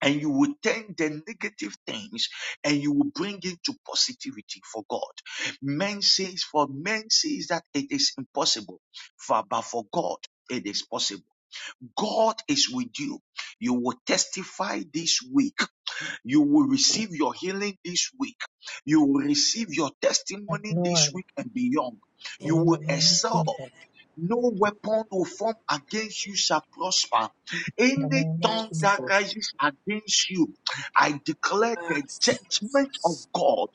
Speaker 7: and you will turn the negative things and you will bring it to positivity for God. Men says for men says that it is impossible, for, but for God it is possible. God is with you. You will testify this week you will receive your healing this week. You will receive your
Speaker 1: Yes,
Speaker 7: testimony this
Speaker 1: Lord.
Speaker 7: week and beyond. You
Speaker 8: Amen.
Speaker 1: In
Speaker 7: will
Speaker 1: the name of
Speaker 7: excel.
Speaker 1: Jesus.
Speaker 7: No weapon will form against you shall prosper.
Speaker 1: In the
Speaker 7: Any
Speaker 1: name of
Speaker 7: tongue
Speaker 8: Yes,
Speaker 7: that
Speaker 8: Lord,
Speaker 1: Jesus.
Speaker 7: rises against you, I declare the
Speaker 8: yes,
Speaker 7: judgment of
Speaker 8: Jesus.
Speaker 7: God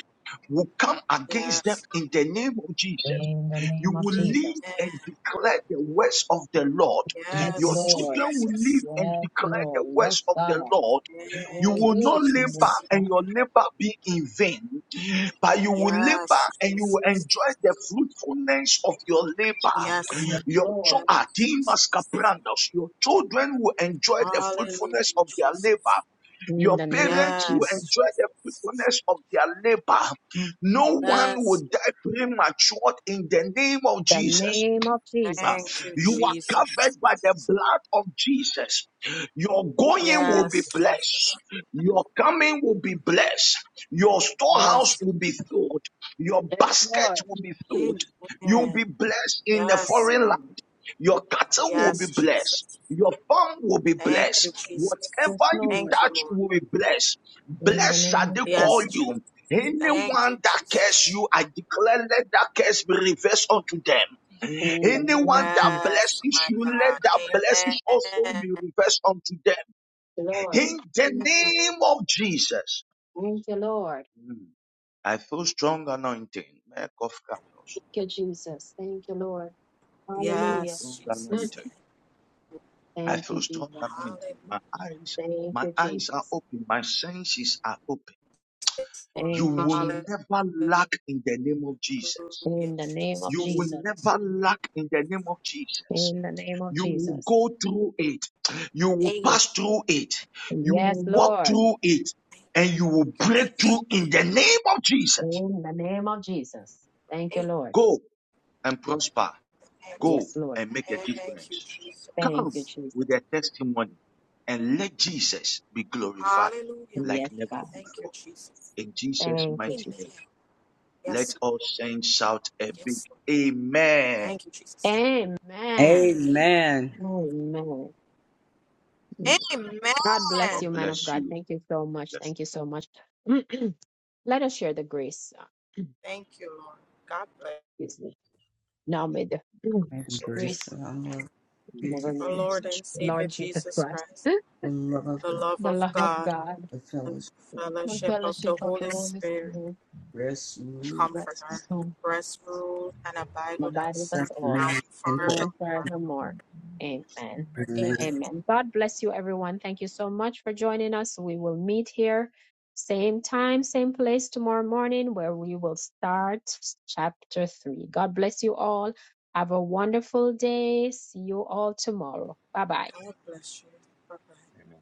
Speaker 7: will come against
Speaker 8: Yes.
Speaker 7: them in the name of Jesus.
Speaker 1: In the
Speaker 7: You
Speaker 1: name of
Speaker 7: will
Speaker 8: Amen.
Speaker 7: live
Speaker 1: Jesus.
Speaker 7: and declare the words of the Lord.
Speaker 1: Yes,
Speaker 7: Your
Speaker 8: Yes,
Speaker 1: Lord.
Speaker 7: children will live
Speaker 8: Jesus.
Speaker 7: and
Speaker 1: Yes,
Speaker 7: declare the
Speaker 1: Lord.
Speaker 7: words
Speaker 1: Yes,
Speaker 7: of
Speaker 1: God.
Speaker 7: the Lord you
Speaker 8: Thank you,
Speaker 7: will not
Speaker 1: Yes, Lord,
Speaker 7: labor
Speaker 1: yes,
Speaker 8: Jesus.
Speaker 1: God.
Speaker 7: and your labor be in vain, but you will
Speaker 8: Yes,
Speaker 7: labor and you will
Speaker 8: Jesus.
Speaker 7: enjoy the fruitfulness of your labor.
Speaker 8: Yes,
Speaker 1: Yes,
Speaker 7: Your
Speaker 1: Lord.
Speaker 7: cho-
Speaker 8: yes,
Speaker 7: ah, Dimas
Speaker 8: Jesus.
Speaker 7: Kaprandos, your children will enjoy the
Speaker 8: Hallelujah,
Speaker 7: fruitfulness of their
Speaker 8: Jesus.
Speaker 7: labor.
Speaker 1: In
Speaker 7: Your
Speaker 1: the name of
Speaker 7: parents will
Speaker 1: Jesus.
Speaker 8: Yes,
Speaker 7: enjoy the
Speaker 8: Jesus.
Speaker 7: fruitfulness of their labor. No one will
Speaker 8: Yes,
Speaker 7: die premature in the name of
Speaker 1: The
Speaker 7: Jesus.
Speaker 1: name of
Speaker 8: thank
Speaker 1: Jesus.
Speaker 8: you,
Speaker 7: You are
Speaker 8: Jesus.
Speaker 7: covered by the blood of Jesus. Your going will
Speaker 8: Yes,
Speaker 7: be blessed. Your coming will be blessed. Your storehouse
Speaker 8: yes.
Speaker 7: will be filled. Your
Speaker 1: Yes,
Speaker 7: basket
Speaker 1: Lord.
Speaker 7: will be filled. You'll
Speaker 8: Amen.
Speaker 7: be blessed in the
Speaker 8: Yes,
Speaker 7: foreign land. Your cattle will be
Speaker 8: yes,
Speaker 7: blessed.
Speaker 8: Jesus.
Speaker 7: Your farm will be
Speaker 8: Thank
Speaker 7: blessed.
Speaker 8: you, Jesus.
Speaker 1: Yes,
Speaker 7: Whatever you
Speaker 1: Lord.
Speaker 8: Thank you,
Speaker 7: touch
Speaker 8: Lord.
Speaker 7: will be blessed.
Speaker 1: In the
Speaker 7: Blessed
Speaker 1: name
Speaker 7: shall
Speaker 1: of
Speaker 7: they call
Speaker 8: Yes,
Speaker 1: Jesus.
Speaker 8: Jesus.
Speaker 7: you.
Speaker 8: Thank you,
Speaker 7: Anyone that curse
Speaker 8: Jesus.
Speaker 7: you, I declare let that curse be reversed unto them.
Speaker 1: In the name
Speaker 7: Anyone
Speaker 1: of
Speaker 7: that
Speaker 1: Jesus.
Speaker 8: Yes,
Speaker 7: blesses
Speaker 8: my
Speaker 7: you, let
Speaker 8: God.
Speaker 7: that blessings also
Speaker 8: Amen.
Speaker 7: be reversed unto them.
Speaker 1: Lord.
Speaker 7: In the
Speaker 1: Thank you,
Speaker 7: name
Speaker 1: Jesus.
Speaker 7: of Jesus.
Speaker 1: Thank you, Lord.
Speaker 7: Mm. I feel strong anointing. Mark of
Speaker 1: Thank you, Jesus. Thank you, Lord.
Speaker 7: I feel
Speaker 1: Hallelujah.
Speaker 7: strong
Speaker 8: Yes,
Speaker 1: Mm.
Speaker 8: Jesus.
Speaker 7: anointing. I
Speaker 1: Thank you,
Speaker 7: feel strong
Speaker 1: Jesus.
Speaker 8: Hallelujah.
Speaker 7: anointing. My eyes,
Speaker 1: Thank
Speaker 7: my
Speaker 1: you,
Speaker 7: eyes are
Speaker 1: Jesus.
Speaker 7: open. My senses are open.
Speaker 8: Lord.
Speaker 7: You
Speaker 1: Thank you,
Speaker 7: will
Speaker 1: Jesus.
Speaker 8: Hallelujah,
Speaker 7: never lack in the name of Jesus.
Speaker 1: In the name of
Speaker 7: You will
Speaker 8: Jesus.
Speaker 1: Jesus.
Speaker 7: never lack in the name of Jesus.
Speaker 1: In the name of
Speaker 7: You will
Speaker 1: Jesus.
Speaker 7: go through it. You will
Speaker 8: Amen.
Speaker 7: pass through it. You
Speaker 1: Yes,
Speaker 7: will walk
Speaker 1: Lord.
Speaker 7: through it
Speaker 8: Thank
Speaker 7: and you will
Speaker 8: you,
Speaker 7: break through
Speaker 8: Jesus.
Speaker 7: in the name of Jesus.
Speaker 1: In the name of Jesus. Thank you,
Speaker 8: Amen.
Speaker 1: Lord.
Speaker 7: Go and prosper. Go
Speaker 1: Yes, Lord.
Speaker 7: and make a
Speaker 8: Thank you,
Speaker 7: difference.
Speaker 1: Thank
Speaker 7: Come
Speaker 1: you,
Speaker 8: Jesus.
Speaker 7: with
Speaker 1: Jesus.
Speaker 7: a testimony and let Jesus be glorified
Speaker 8: Hallelujah,
Speaker 7: like
Speaker 1: Yes,
Speaker 8: mighty God.
Speaker 1: God.
Speaker 7: never
Speaker 8: Thank you,
Speaker 7: before.
Speaker 8: Jesus.
Speaker 7: In Jesus'
Speaker 1: Thank you,
Speaker 8: Amen.
Speaker 7: mighty name,
Speaker 1: Jesus.
Speaker 7: let
Speaker 8: Yes, Lord.
Speaker 7: all saints shout a big
Speaker 8: Yes, Lord.
Speaker 7: amen.
Speaker 8: Thank you, Jesus.
Speaker 1: Amen.
Speaker 8: Amen.
Speaker 6: Amen.
Speaker 1: Amen. God bless you,
Speaker 8: Amen.
Speaker 7: God
Speaker 1: man of
Speaker 7: bless
Speaker 1: God.
Speaker 7: you.
Speaker 1: Thank you so much.
Speaker 7: Bless you.
Speaker 1: Thank you so much. Let us share the grace. uh,
Speaker 8: Thank you, Lord. God bless.
Speaker 1: Excuse me. Now may the mm,
Speaker 6: May the
Speaker 9: So,
Speaker 6: grace
Speaker 1: grace,
Speaker 6: of our Lord
Speaker 1: I can never
Speaker 6: Jesus,
Speaker 8: Our
Speaker 1: remember
Speaker 9: things
Speaker 8: Lord
Speaker 9: that
Speaker 1: that.
Speaker 8: and
Speaker 9: you
Speaker 8: Savior
Speaker 1: Lord Jesus
Speaker 8: Jesus
Speaker 1: Christ,
Speaker 8: Christ.
Speaker 6: the love of
Speaker 8: the
Speaker 6: God,
Speaker 8: love
Speaker 1: the
Speaker 8: of
Speaker 1: love of
Speaker 8: God,
Speaker 1: God,
Speaker 6: the
Speaker 8: the
Speaker 6: fellowship,
Speaker 1: the
Speaker 8: fellowship of
Speaker 1: fellowship
Speaker 8: the
Speaker 1: of the
Speaker 8: Holy
Speaker 1: Holy
Speaker 8: Spirit,
Speaker 1: Spirit,
Speaker 6: rest, and
Speaker 8: the
Speaker 6: rule,
Speaker 1: rest.
Speaker 8: Comforter,
Speaker 1: on.
Speaker 8: rest, rule, and abide
Speaker 1: and
Speaker 8: with
Speaker 1: abideth
Speaker 8: us
Speaker 6: us
Speaker 1: us all,
Speaker 8: now
Speaker 6: now
Speaker 8: and
Speaker 6: and
Speaker 1: now and
Speaker 6: forever.
Speaker 8: forevermore.
Speaker 1: forevermore. Amen.
Speaker 6: Amen.
Speaker 8: Amen.
Speaker 1: Amen. God bless you, everyone. Thank you so much for joining us. We will meet here, same time, same place tomorrow morning, where we will start chapter three. God bless you all. Have a wonderful day. See you all tomorrow. Bye bye.
Speaker 8: God bless you. Bye bye.
Speaker 9: Amen.